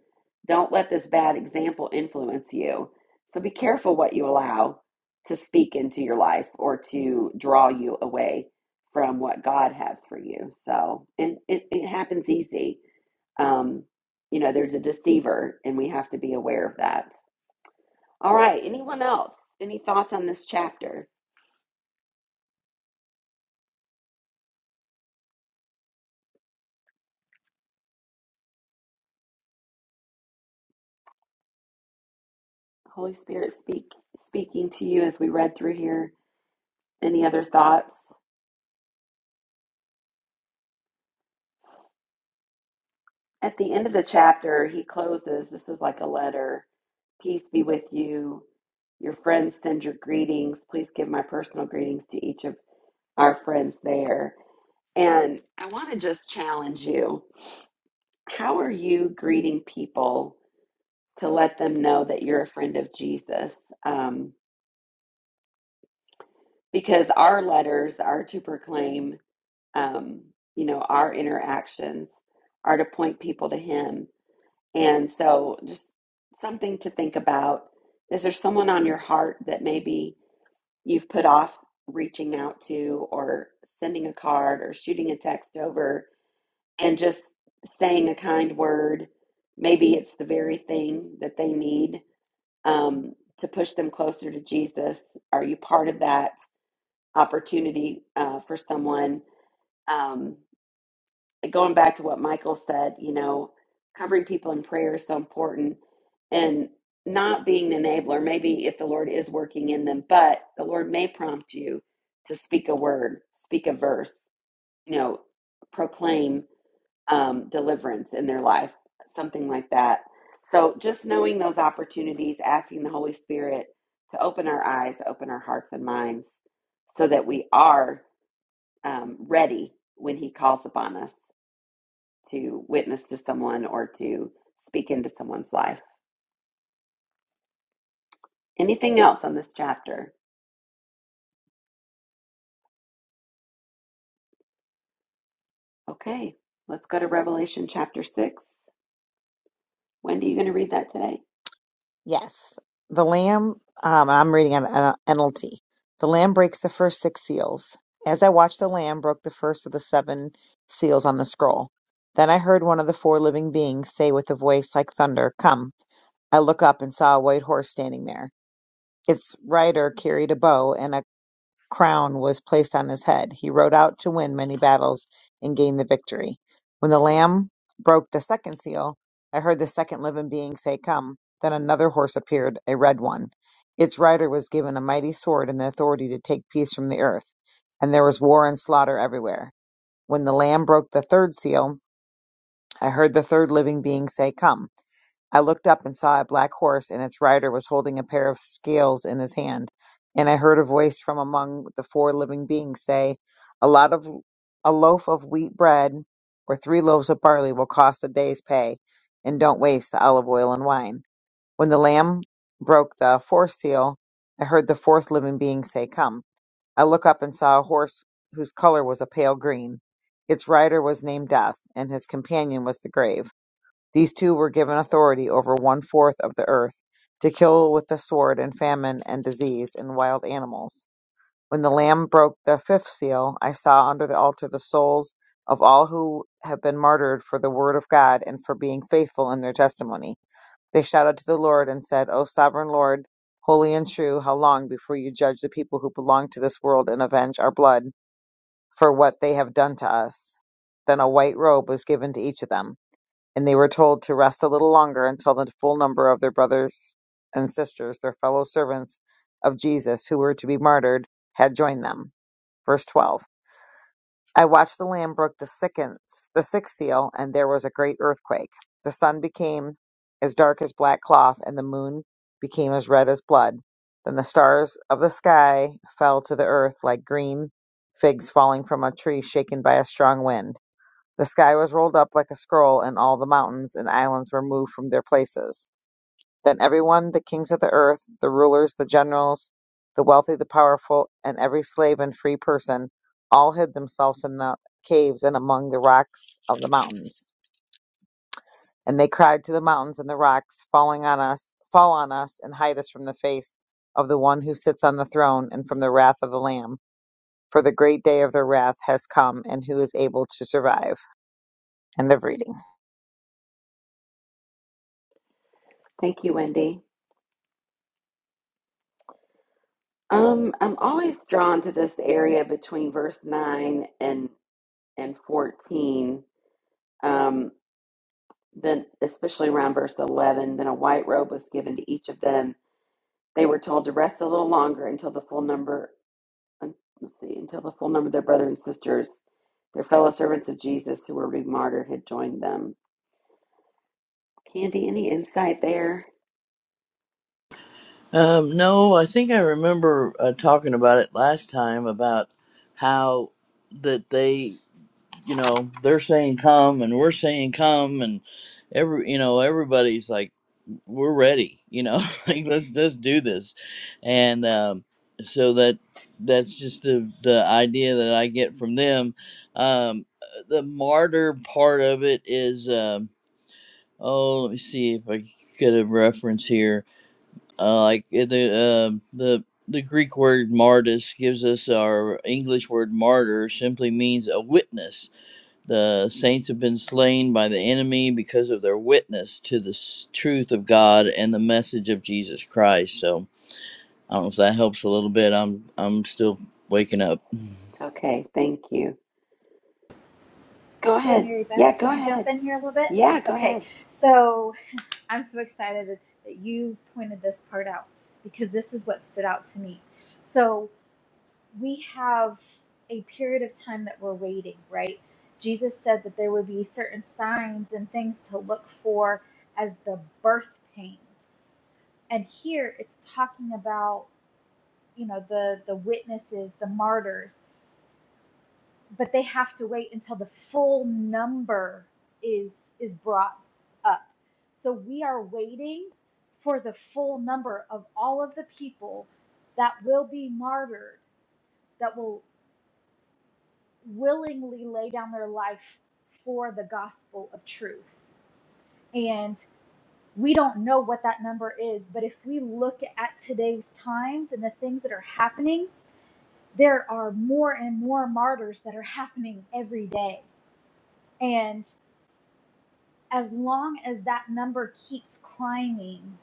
S1: don't let this bad example influence you. So be careful what you allow to speak into your life or to draw you away from what God has for you. So, and it, it happens easy. Um, you know, there's a deceiver, and we have to be aware of that. All right. Anyone else? Any thoughts on this chapter? Holy Spirit speak speaking to you as we read through here. Any other thoughts? At the end of the chapter, he closes. This is like a letter. Peace be with you. Your friends send your greetings. Please give my personal greetings to each of our friends there. And I want to just challenge you. How are you greeting people to let them know that you're a friend of Jesus? Um, because our letters are to proclaim, um, you know, our interactions are to point people to Him. And so, just something to think about. Is there someone on your heart that maybe you've put off reaching out to, or sending a card, or shooting a text over, and just saying a kind word? Maybe it's the very thing that they need um, to push them closer to Jesus. Are you part of that opportunity uh, for someone? Um, going back to what Michael said, you know, covering people in prayer is so important and not being an enabler, maybe if the Lord is working in them, but the Lord may prompt you to speak a word, speak a verse, you know, proclaim um, deliverance in their life, something like that. So just knowing those opportunities, asking the Holy Spirit to open our eyes, open our hearts and minds so that we are um, ready when He calls upon us to witness to someone or to speak into someone's life. Anything else on this chapter? Okay, let's go to Revelation chapter 6. Wendy, you going to read that today?
S3: Yes. The Lamb, um, I'm reading an an NLT. The Lamb breaks the first six seals. As I watched, the Lamb broke the first of the seven seals on the scroll. Then I heard one of the four living beings say with a voice like thunder, Come. I look up and saw a white horse standing there. Its rider carried a bow, and a crown was placed on his head. He rode out to win many battles and gain the victory. When the lamb broke the second seal, I heard the second living being say, Come. Then another horse appeared, a red one. Its rider was given a mighty sword and the authority to take peace from the earth. And there was war and slaughter everywhere. When the lamb broke the third seal, I heard the third living being say, Come. I looked up and saw a black horse, and its rider was holding a pair of scales in his hand. And I heard a voice from among the four living beings say, "A lot of a loaf of wheat bread or three loaves of barley will cost a day's pay, and don't waste the olive oil and wine." When the lamb broke the fourth seal, I heard the fourth living being say, "Come." I looked up and saw a horse whose color was a pale green. Its rider was named Death, and his companion was the grave. These two were given authority over one-fourth of the earth, to kill with the sword and famine and disease and wild animals. When the Lamb broke the fifth seal, I saw under the altar the souls of all who have been martyred for the word of God and for being faithful in their testimony. They shouted to the Lord and said, O sovereign Lord, holy and true, how long before you judge the people who belong to this world and avenge our blood for what they have done to us? Then a white robe was given to each of them. And they were told to rest a little longer until the full number of their brothers and sisters, their fellow servants of Jesus, who were to be martyred, had joined them. Verse 12. I watched the Lamb broke the sickens, the sixth seal, and there was a great earthquake. The sun became as dark as black cloth, and the moon became as red as blood. Then the stars of the sky fell to the earth like green figs falling from a tree shaken by a strong wind. The sky was rolled up like a scroll, and all the mountains and islands were moved from their places. Then everyone, the kings of the earth, the rulers, the generals, the wealthy, the powerful, and every slave and free person, all hid themselves in the caves and among the rocks of the mountains. And they cried to the mountains and the rocks, falling on us, fall on us, and hide us from the face of the one who sits on the throne and from the wrath of the Lamb. For the great day of their wrath has come, and who is able to survive? End of reading.
S1: Thank you, Wendy. Um, I'm always drawn to this area between verse 9 and, and 14, um, then especially around verse 11. Then a white robe was given to each of them. They were told to rest a little longer until the full number let's see, until the full number of their brothers and sisters, their fellow servants of Jesus who were being martyred had joined them. Candy, any insight there?
S8: Um, no, I think I remember uh, talking about it last time about how that they, you know, they're saying come and we're saying come and every, you know, everybody's like, we're ready, you know, like let's let's do this, and um, so that that's just the the idea that I get from them. Um, the martyr part of it is, um, oh, let me see if I get a reference here uh, like uh, the uh, the the Greek word martyrs gives us our English word martyr simply means a witness. The saints have been slain by the enemy because of their witness to the s- truth of God and the message of Jesus Christ. So I don't know if that helps a little bit. I'm I'm still waking up.
S1: Okay, thank you. Go
S5: Hey,
S1: ahead.
S5: Mary Beth,
S1: Yeah, go
S5: can I jump
S1: ahead.
S5: in here a little bit?
S1: Yeah, go
S5: Okay,
S1: ahead.
S5: so I'm so excited that that you pointed this part out because this is what stood out to me. So we have a period of time that we're waiting, right? Jesus said that there would be certain signs and things to look for as the birth pains. And here it's talking about, you know, the the witnesses, the martyrs, but they have to wait until the full number is is brought up. So we are waiting for the full number of all of the people that will be martyred, that will willingly lay down their life for the gospel of truth. And we don't know what that number is, but if we look at today's times and the things that are happening, there are more and more martyrs that are happening every day. And as long as that number keeps climbing,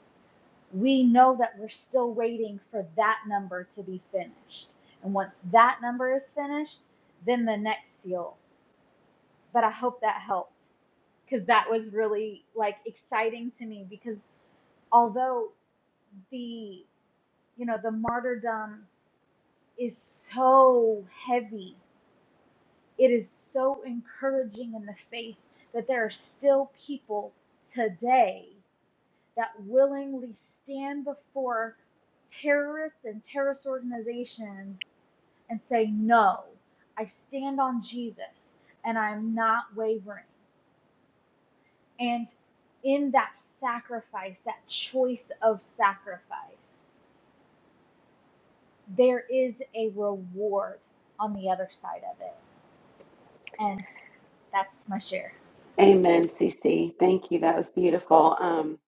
S5: we know that we're still waiting for that number to be finished. And once that number is finished, then the next seal. But I hope that helped because that was really like exciting to me because although the you know the martyrdom is so heavy, it is so encouraging in the faith that there are still people today that willingly stand before terrorists and terrorist organizations and say, No, I stand on Jesus and I'm not wavering. And in that sacrifice, that choice of sacrifice, there is a reward on the other side of it. And that's my share.
S1: Amen, CC. Thank you. That was beautiful. Um,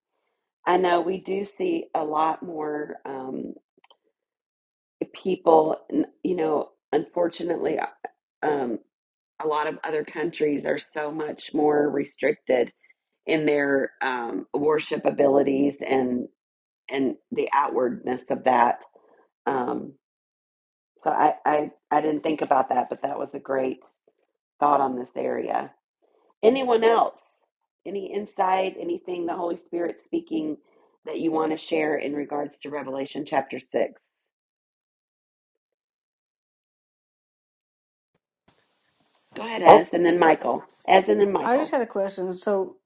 S1: I know we do see a lot more um, people, n- you know, unfortunately, uh, um, a lot of other countries are so much more restricted in their um, worship abilities and. and the outwardness of that. Um, so I, I I didn't think about that, but that was a great thought on this area. Anyone else? Any insight? Anything the Holy Spirit speaking that you want to share in regards to Revelation chapter six? Go ahead, Ez, and then Michael. Ez, and then
S4: i just
S1: Michael.
S4: had a question so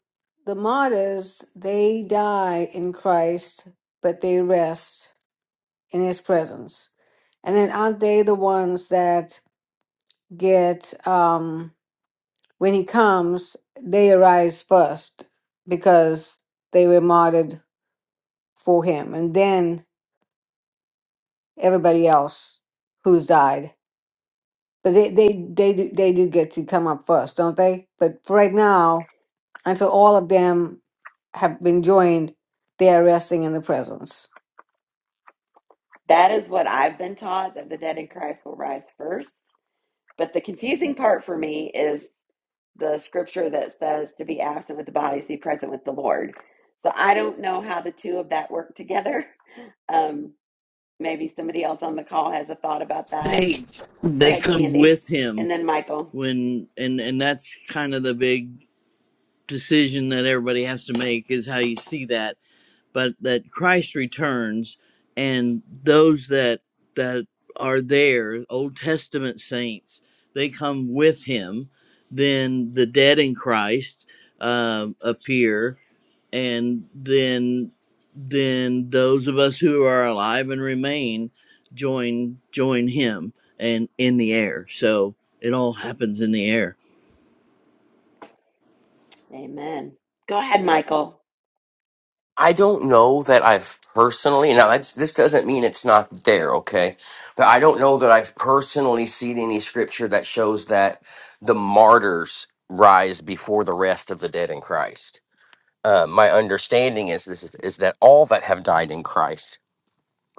S4: the martyrs they die in christ but they rest in his presence and then aren't they the ones that get um when he comes they arise first because they were martyred for him and then everybody else who's died but they they they do, they do get to come up first don't they but for right now until all of them have been joined they are resting in the presence
S1: That is what I've been taught that the dead in Christ will rise first. But the confusing part for me is the scripture that says to be absent with the body is to be present with the Lord. So I don't know how the two of that work together. Um, maybe somebody else on the call has a thought about that.
S8: They
S1: Go
S8: they
S1: ahead,
S8: come
S1: Candy.
S8: with him
S1: And then Michael.
S8: when and and that's kind of the big decision that everybody has to make is how you see that but that Christ returns and those that that are there, Old Testament saints, they come with him. Then the dead in Christ uh, appear, and then then those of us who are alive and remain join join him and in the air. So it all happens in the air.
S1: Amen. Go ahead, Michael.
S6: I don't know that I've personally now. That's, this doesn't mean it's not there, okay? But I don't know that I've personally seen any scripture that shows that the martyrs rise before the rest of the dead in Christ. Uh, my understanding is this is, is that all that have died in Christ,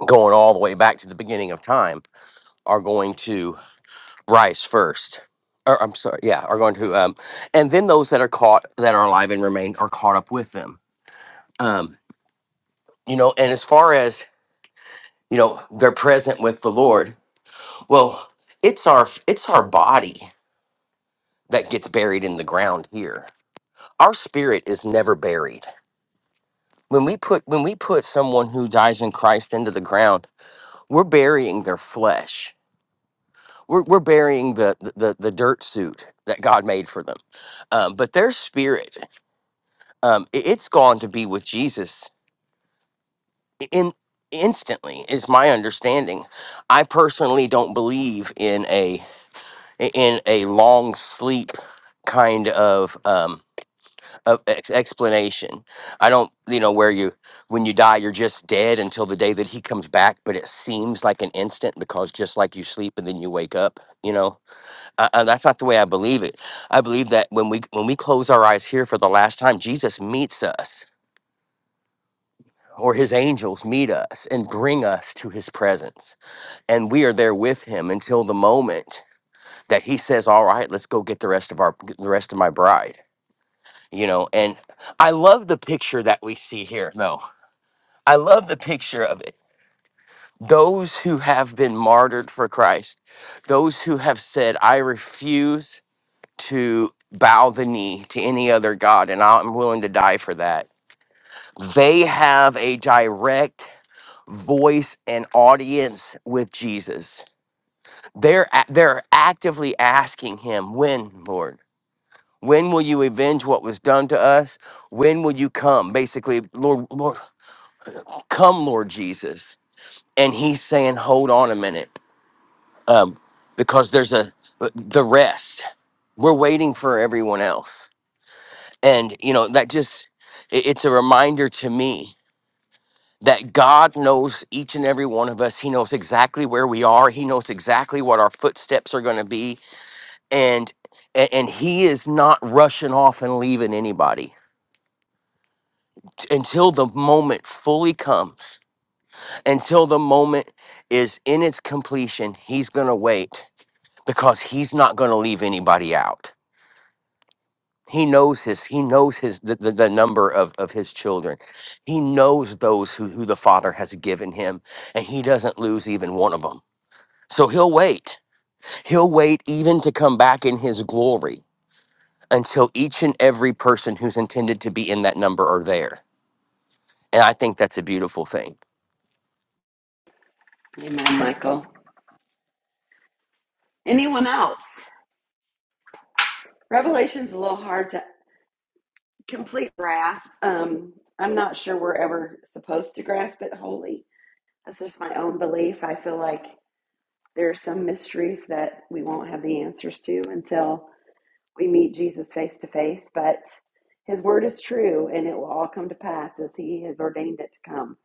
S6: going all the way back to the beginning of time, are going to rise first. Or I'm sorry, yeah, are going to, um, and then those that are caught that are alive and remain are caught up with them. Um, you know, and as far as you know they're present with the lord well it's our it's our body that gets buried in the ground here our spirit is never buried when we put when we put someone who dies in christ into the ground we're burying their flesh we're, we're burying the, the the the dirt suit that god made for them um, but their spirit um, i- it's gone to be with jesus in instantly is my understanding i personally don't believe in a. i- in a long sleep kind of um of ex- explanation i don't you know where you when you die you're just dead until the day that he comes back but it seems like an instant because just like you sleep and then you wake up you know uh, uh, that's not the way i believe it i believe that when we when we close our eyes here for the last time jesus meets us or his angels meet us and bring us to his presence and we are there with him until the moment that he says, "All right, let's go get the rest of our the rest of my bride." You know, and I love the picture that we see here. No, I love the picture of it. Those who have been martyred for Christ, those who have said, "I refuse to bow the knee to any other god, and I'm willing to die for that." They have a direct voice and audience with Jesus. They're a- they're actively asking him, "When, Lord?" When will you avenge what was done to us? When will you come? Basically, Lord, Lord, come, Lord Jesus. And he's saying, hold on a minute, um, because there's a the rest. We're waiting for everyone else, and you know that just it- it's a reminder to me that God knows each and every one of us. He knows exactly where we are. He knows exactly what our footsteps are going to be, and and and he is not rushing off and leaving anybody t- until the moment fully comes, until the moment is in its completion, he's going to wait because he's not going to leave anybody out. He knows his he knows his the, the, the number of, of his children. He knows those who, who the father has given him and he doesn't lose even one of them. So he'll wait. He'll wait even to come back in his glory until each and every person who's intended to be in that number are there. And I think that's a beautiful thing.
S1: Amen, Michael. Anyone else? Revelation's a little hard to complete grasp. Um, I'm not sure we're ever supposed to grasp it wholly. That's just my own belief. I feel like There are some mysteries that we won't have the answers to until we meet Jesus face to face, but his word is true and it will all come to pass as he has ordained it to come.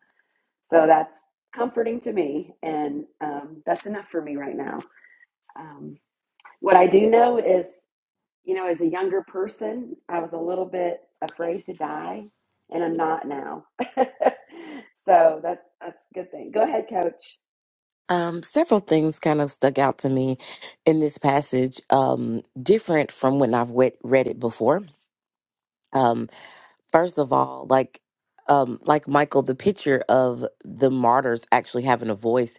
S1: So that's comforting to me, and um, that's enough for me right now. Um, what I do know is, you know, as a younger person, I was a little bit afraid to die, and I'm not now. so that's that's a good thing. Go ahead, coach.
S2: Um, several things kind of stuck out to me in this passage, um, different from when I've wet- read it before. Um, First of all, like um like Michael, the picture of the martyrs actually having a voice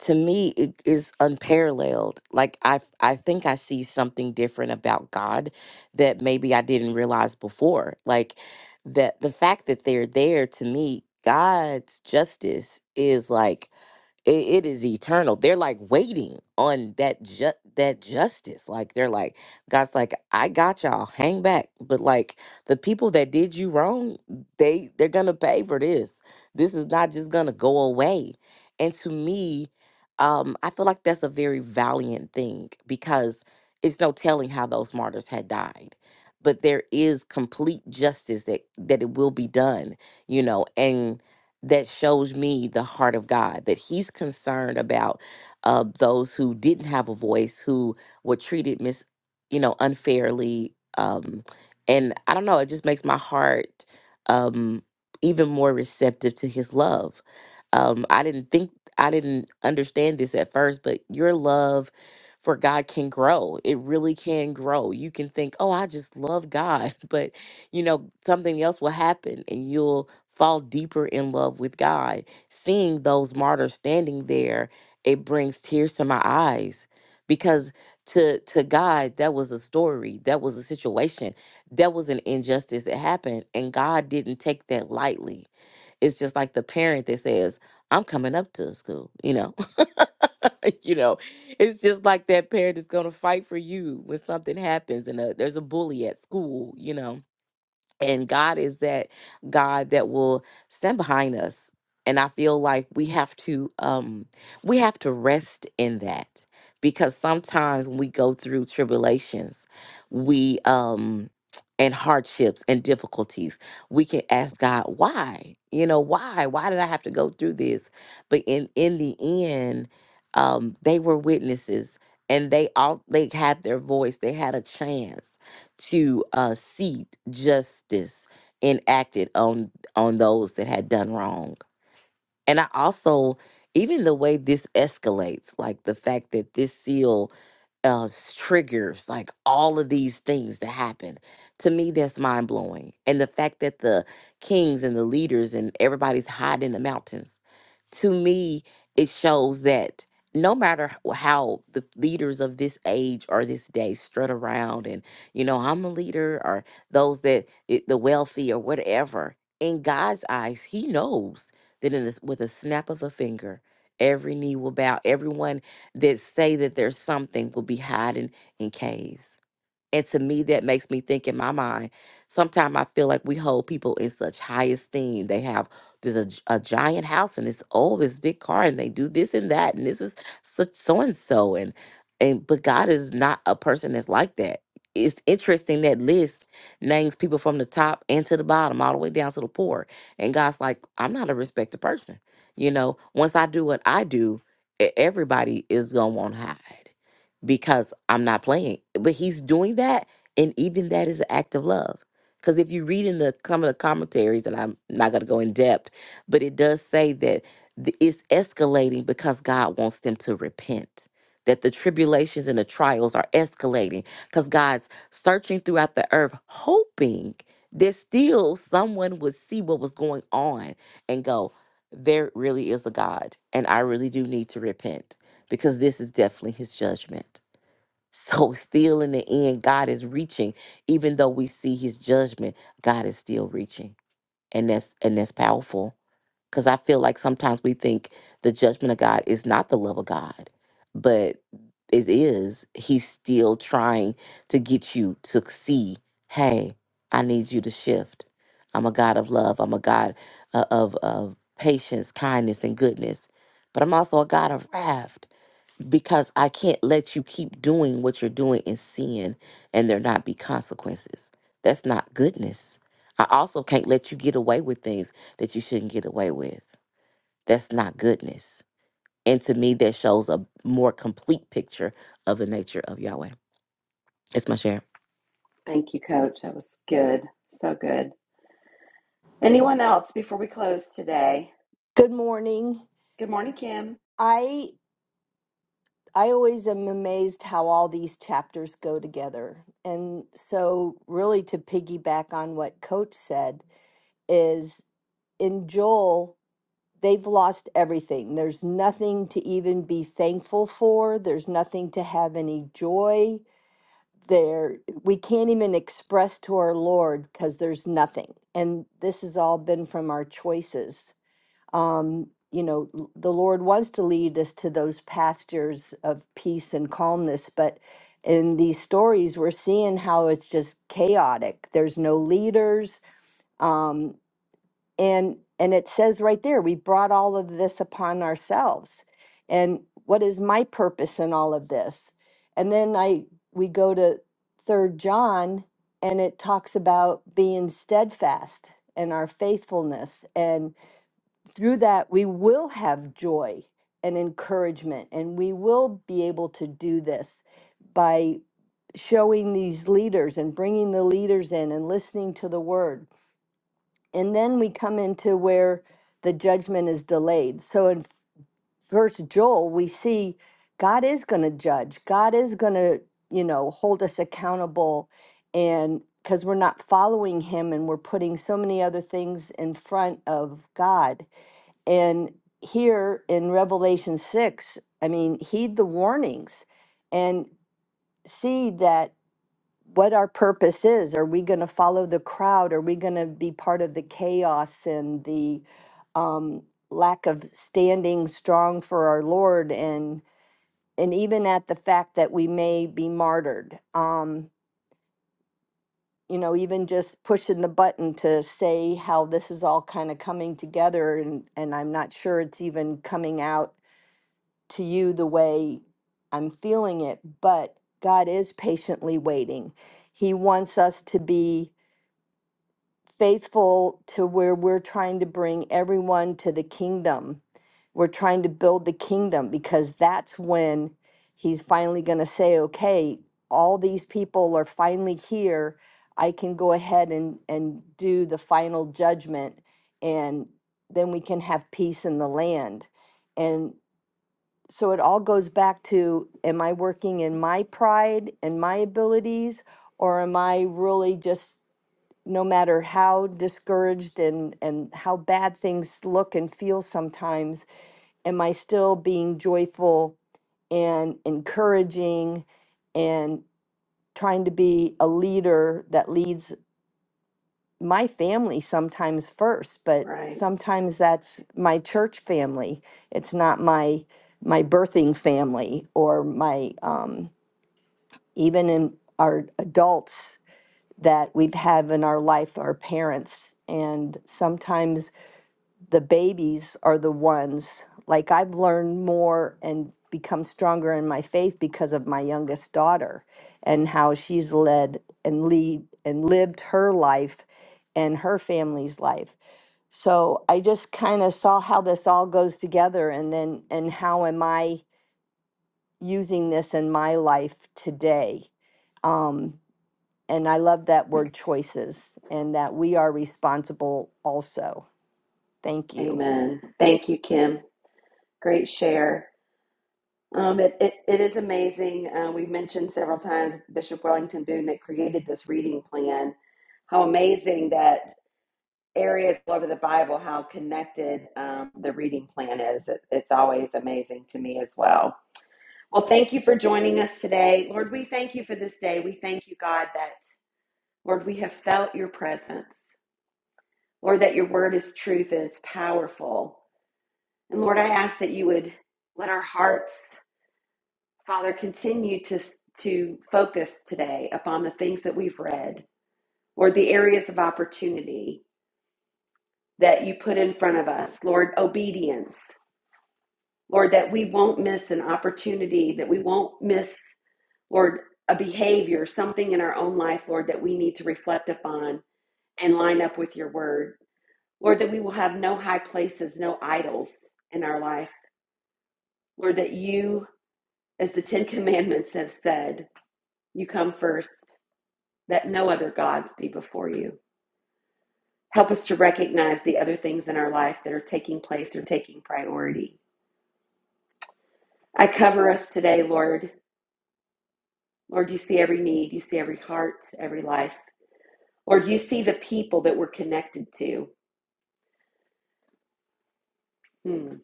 S2: to me it is unparalleled. Like I I think I see something different about God that maybe I didn't realize before. Like that the fact that they're there to me, God's justice is like it it is eternal. They're like waiting on that ju- that justice. Like they're like God's like I got y'all. Hang back. But like the people that did you wrong, they they're gonna pay for this. This is not just gonna go away. And to me, um, I feel like that's a very valiant thing because it's no telling how those martyrs had died. But there is complete justice that that it will be done. You know, and that shows me the heart of God, that He's concerned about uh, those who didn't have a voice, who were treated mis, you know, unfairly. Um, and I don't know, it just makes my heart um, even more receptive to His love. Um, I didn't think, I didn't understand this at first, but your love for God can grow. It really can grow. You can think, oh, I just love God, but you know, something else will happen and you'll fall deeper in love with God. Seeing those martyrs standing there, it brings tears to my eyes because to to God that was a story, that was a situation, that was an injustice that happened and God didn't take that lightly. It's just like the parent that says, "I'm coming up to school," you know. you know, it's just like that parent is going to fight for you when something happens and uh there's a bully at school, you know and God is that God that will stand behind us. And I feel like we have to um we have to rest in that because sometimes when we go through tribulations, we um and hardships and difficulties, we can ask God, why? You know, why? Why did I have to go through this? But in in the end, um, they were witnesses and they all they had their voice, they had a chance to uh, see justice enacted on on those that had done wrong. And I also, even the way this escalates, like the fact that this seal uh, s- triggers like all of these things to happen, to me that's mind blowing. And the fact that the kings and the leaders and everybody's hiding in the mountains to me, it shows that no matter h- how the leaders of this age or this day strut around and, you know, I'm a leader or those that i- the wealthy or whatever, in God's eyes, He knows that in a s with a snap of a finger, every knee will bow. Everyone that say that there's something will be hiding in caves. And to me, that makes me think in my mind, sometimes I feel like we hold people in such high esteem. They have this a, gi- a giant house and it's oh, this big car, and they do this and that, and this is such so and so. And and but God is not a person that's like that. It's interesting that list names people from the top and to the bottom, all the way down to the poor. And God's like, I'm not a respected person. You know, once I do what I do, e- everybody is gonna want to hide because I'm not playing. But he's doing that, and even that is an act of love. Because if you read in the some of the commentaries, and I'm not going to go in depth, but it does say that th- it's escalating because God wants them to repent. That the tribulations and the trials are escalating because God's searching throughout the earth, hoping that still someone would see what was going on and go, There really is a God, and I really do need to repent because this is definitely his judgment. So, still in the end, God is reaching. Even though we see his judgment, God is still reaching. And that's and that's powerful. Because I feel like sometimes we think the judgment of God is not the love of God, but it is. He's still trying to get you to see, hey, I need you to shift. I'm a God of love. I'm a God uh, of, of patience, kindness, and goodness. But I'm also a God of wrath because I can't let you keep doing what you're doing in sin and there not be consequences. That's not goodness. I also can't let you get away with things that you shouldn't get away with. That's not goodness. And to me, that shows a more complete picture of the nature of Yahweh. It's my share.
S1: Thank you, coach. That was good. So good. Anyone else before we close today?
S9: Good morning.
S1: Good morning, Kim.
S9: I I always am amazed how all these chapters go together. And so really to piggyback on what coach said is in Joel they've lost everything. There's nothing to even be thankful for. There's nothing to have any joy. There we can't even express to our Lord cuz there's nothing. And this has all been from our choices um, you know, l- the Lord wants to lead us to those pastures of peace and calmness, but in these stories, we're seeing how it's just chaotic. There's no leaders, um, and and it says right there, we brought all of this upon ourselves. And what is my purpose in all of this? And then I we go to Third John, and it talks about being steadfast and our faithfulness, and through that, we will have joy and encouragement, and we will be able to do this by showing these leaders and bringing the leaders in and listening to the word. And then we come into where the judgment is delayed. So in first Joel, we see God is going to judge. God is going to, you know, hold us accountable and cuz we're not following him and we're putting so many other things in front of God and here in Revelation 6, I mean, heed the warnings and see that what our purpose is. Are we going to follow the crowd? Are we going to be part of the chaos and the um, lack of standing strong for our Lord? And and even at the fact that we may be martyred, um, you know, even just pushing the button to say how this is all kind of coming together, and and I'm not sure it's even coming out to you the way I'm feeling it, but God is patiently waiting. He wants us to be faithful to where we're trying to bring everyone to the kingdom. We're trying to build the kingdom because that's when He's finally going to say, okay, all these people are finally here. I can go ahead and, and do the final judgment, and then we can have peace in the land and so it all goes back to am I working in my pride and my abilities or am I really just no matter how discouraged and and how bad things look and feel sometimes am I still being joyful and encouraging and trying to be a leader that leads my family sometimes first, but
S1: Right.
S9: sometimes that's my church family. It's not my my birthing family or my um, even in our adults that we've had in our life, our parents. And sometimes the babies are the ones like I've learned more and become stronger in my faith because of my youngest daughter and how she's led and lead and lived her life and her family's life. So I just kind of saw how this all goes together and then and how am I using this in my life today? Um and I love that word choices and that we are responsible also. Thank you.
S1: Amen. Thank you, Kim. Great share. Um, it, it, it is amazing. Uh, we've mentioned several times Bishop Wellington Boone that created this reading plan. How amazing that areas all over the Bible, how connected um, the reading plan is. It, it's always amazing to me as well. Well, thank you for joining us today. Lord, we thank you for this day. We thank you, God, that, Lord, we have felt your presence. Lord, that your word is truth and it's powerful. And Lord, I ask that you would let our hearts, Father, continue to, to focus today upon the things that we've read, or the areas of opportunity that you put in front of us, Lord, obedience, Lord, that we won't miss an opportunity, that we won't miss, Lord, a behavior, something in our own life, Lord, that we need to reflect upon and line up with your word. Lord, that we will have no high places, no idols in our life. Lord, that you, as the Ten Commandments have said, you come first, that no other gods be before you. Help us to recognize the other things in our life that are taking place or taking priority. I cover us today, Lord. Lord, you see every need, you see every heart, every life. Lord, you see the people that we're connected to. Hmm.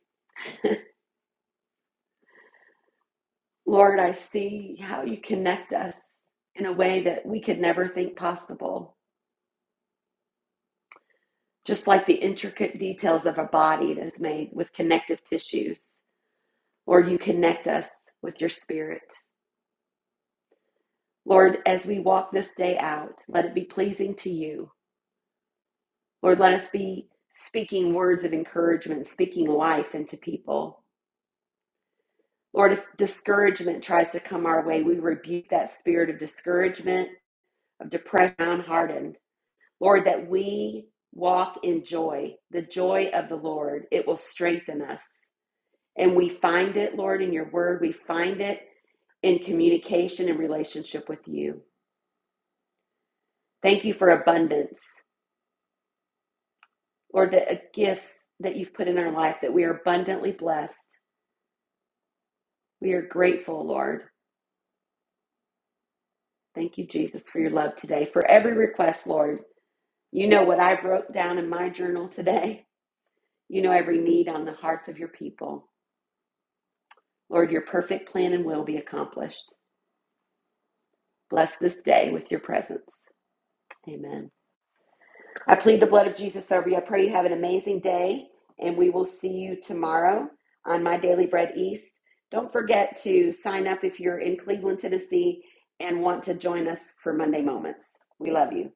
S1: Lord, I see how you connect us in a way that we could never think possible just like the intricate details of a body that is made with connective tissues. Lord, you connect us with your spirit. Lord, as we walk this day out, let it be pleasing to you. Lord, let us be speaking words of encouragement, speaking life into people. Lord, if discouragement tries to come our way, we rebuke that spirit of discouragement, of depression, hardened. Lord, that we walk in joy, the joy of the Lord. It will strengthen us. And we find it, Lord, in your word. We find it in communication and relationship with you. Thank you for abundance, Lord, the uh, gifts that you've put in our life, that we are abundantly blessed. We are grateful, Lord. Thank you, Jesus, for your love today. For every request, Lord, you know what I wrote down in my journal today. You know every need on the hearts of your people. Lord, your perfect plan and will be accomplished. Bless this day with your presence. Amen. I plead the blood of Jesus over you. I pray you have an amazing day, and we will see you tomorrow on My Daily Bread East. Don't forget to sign up if you're in Cleveland, Tennessee, and want to join us for Monday Moments. We love you.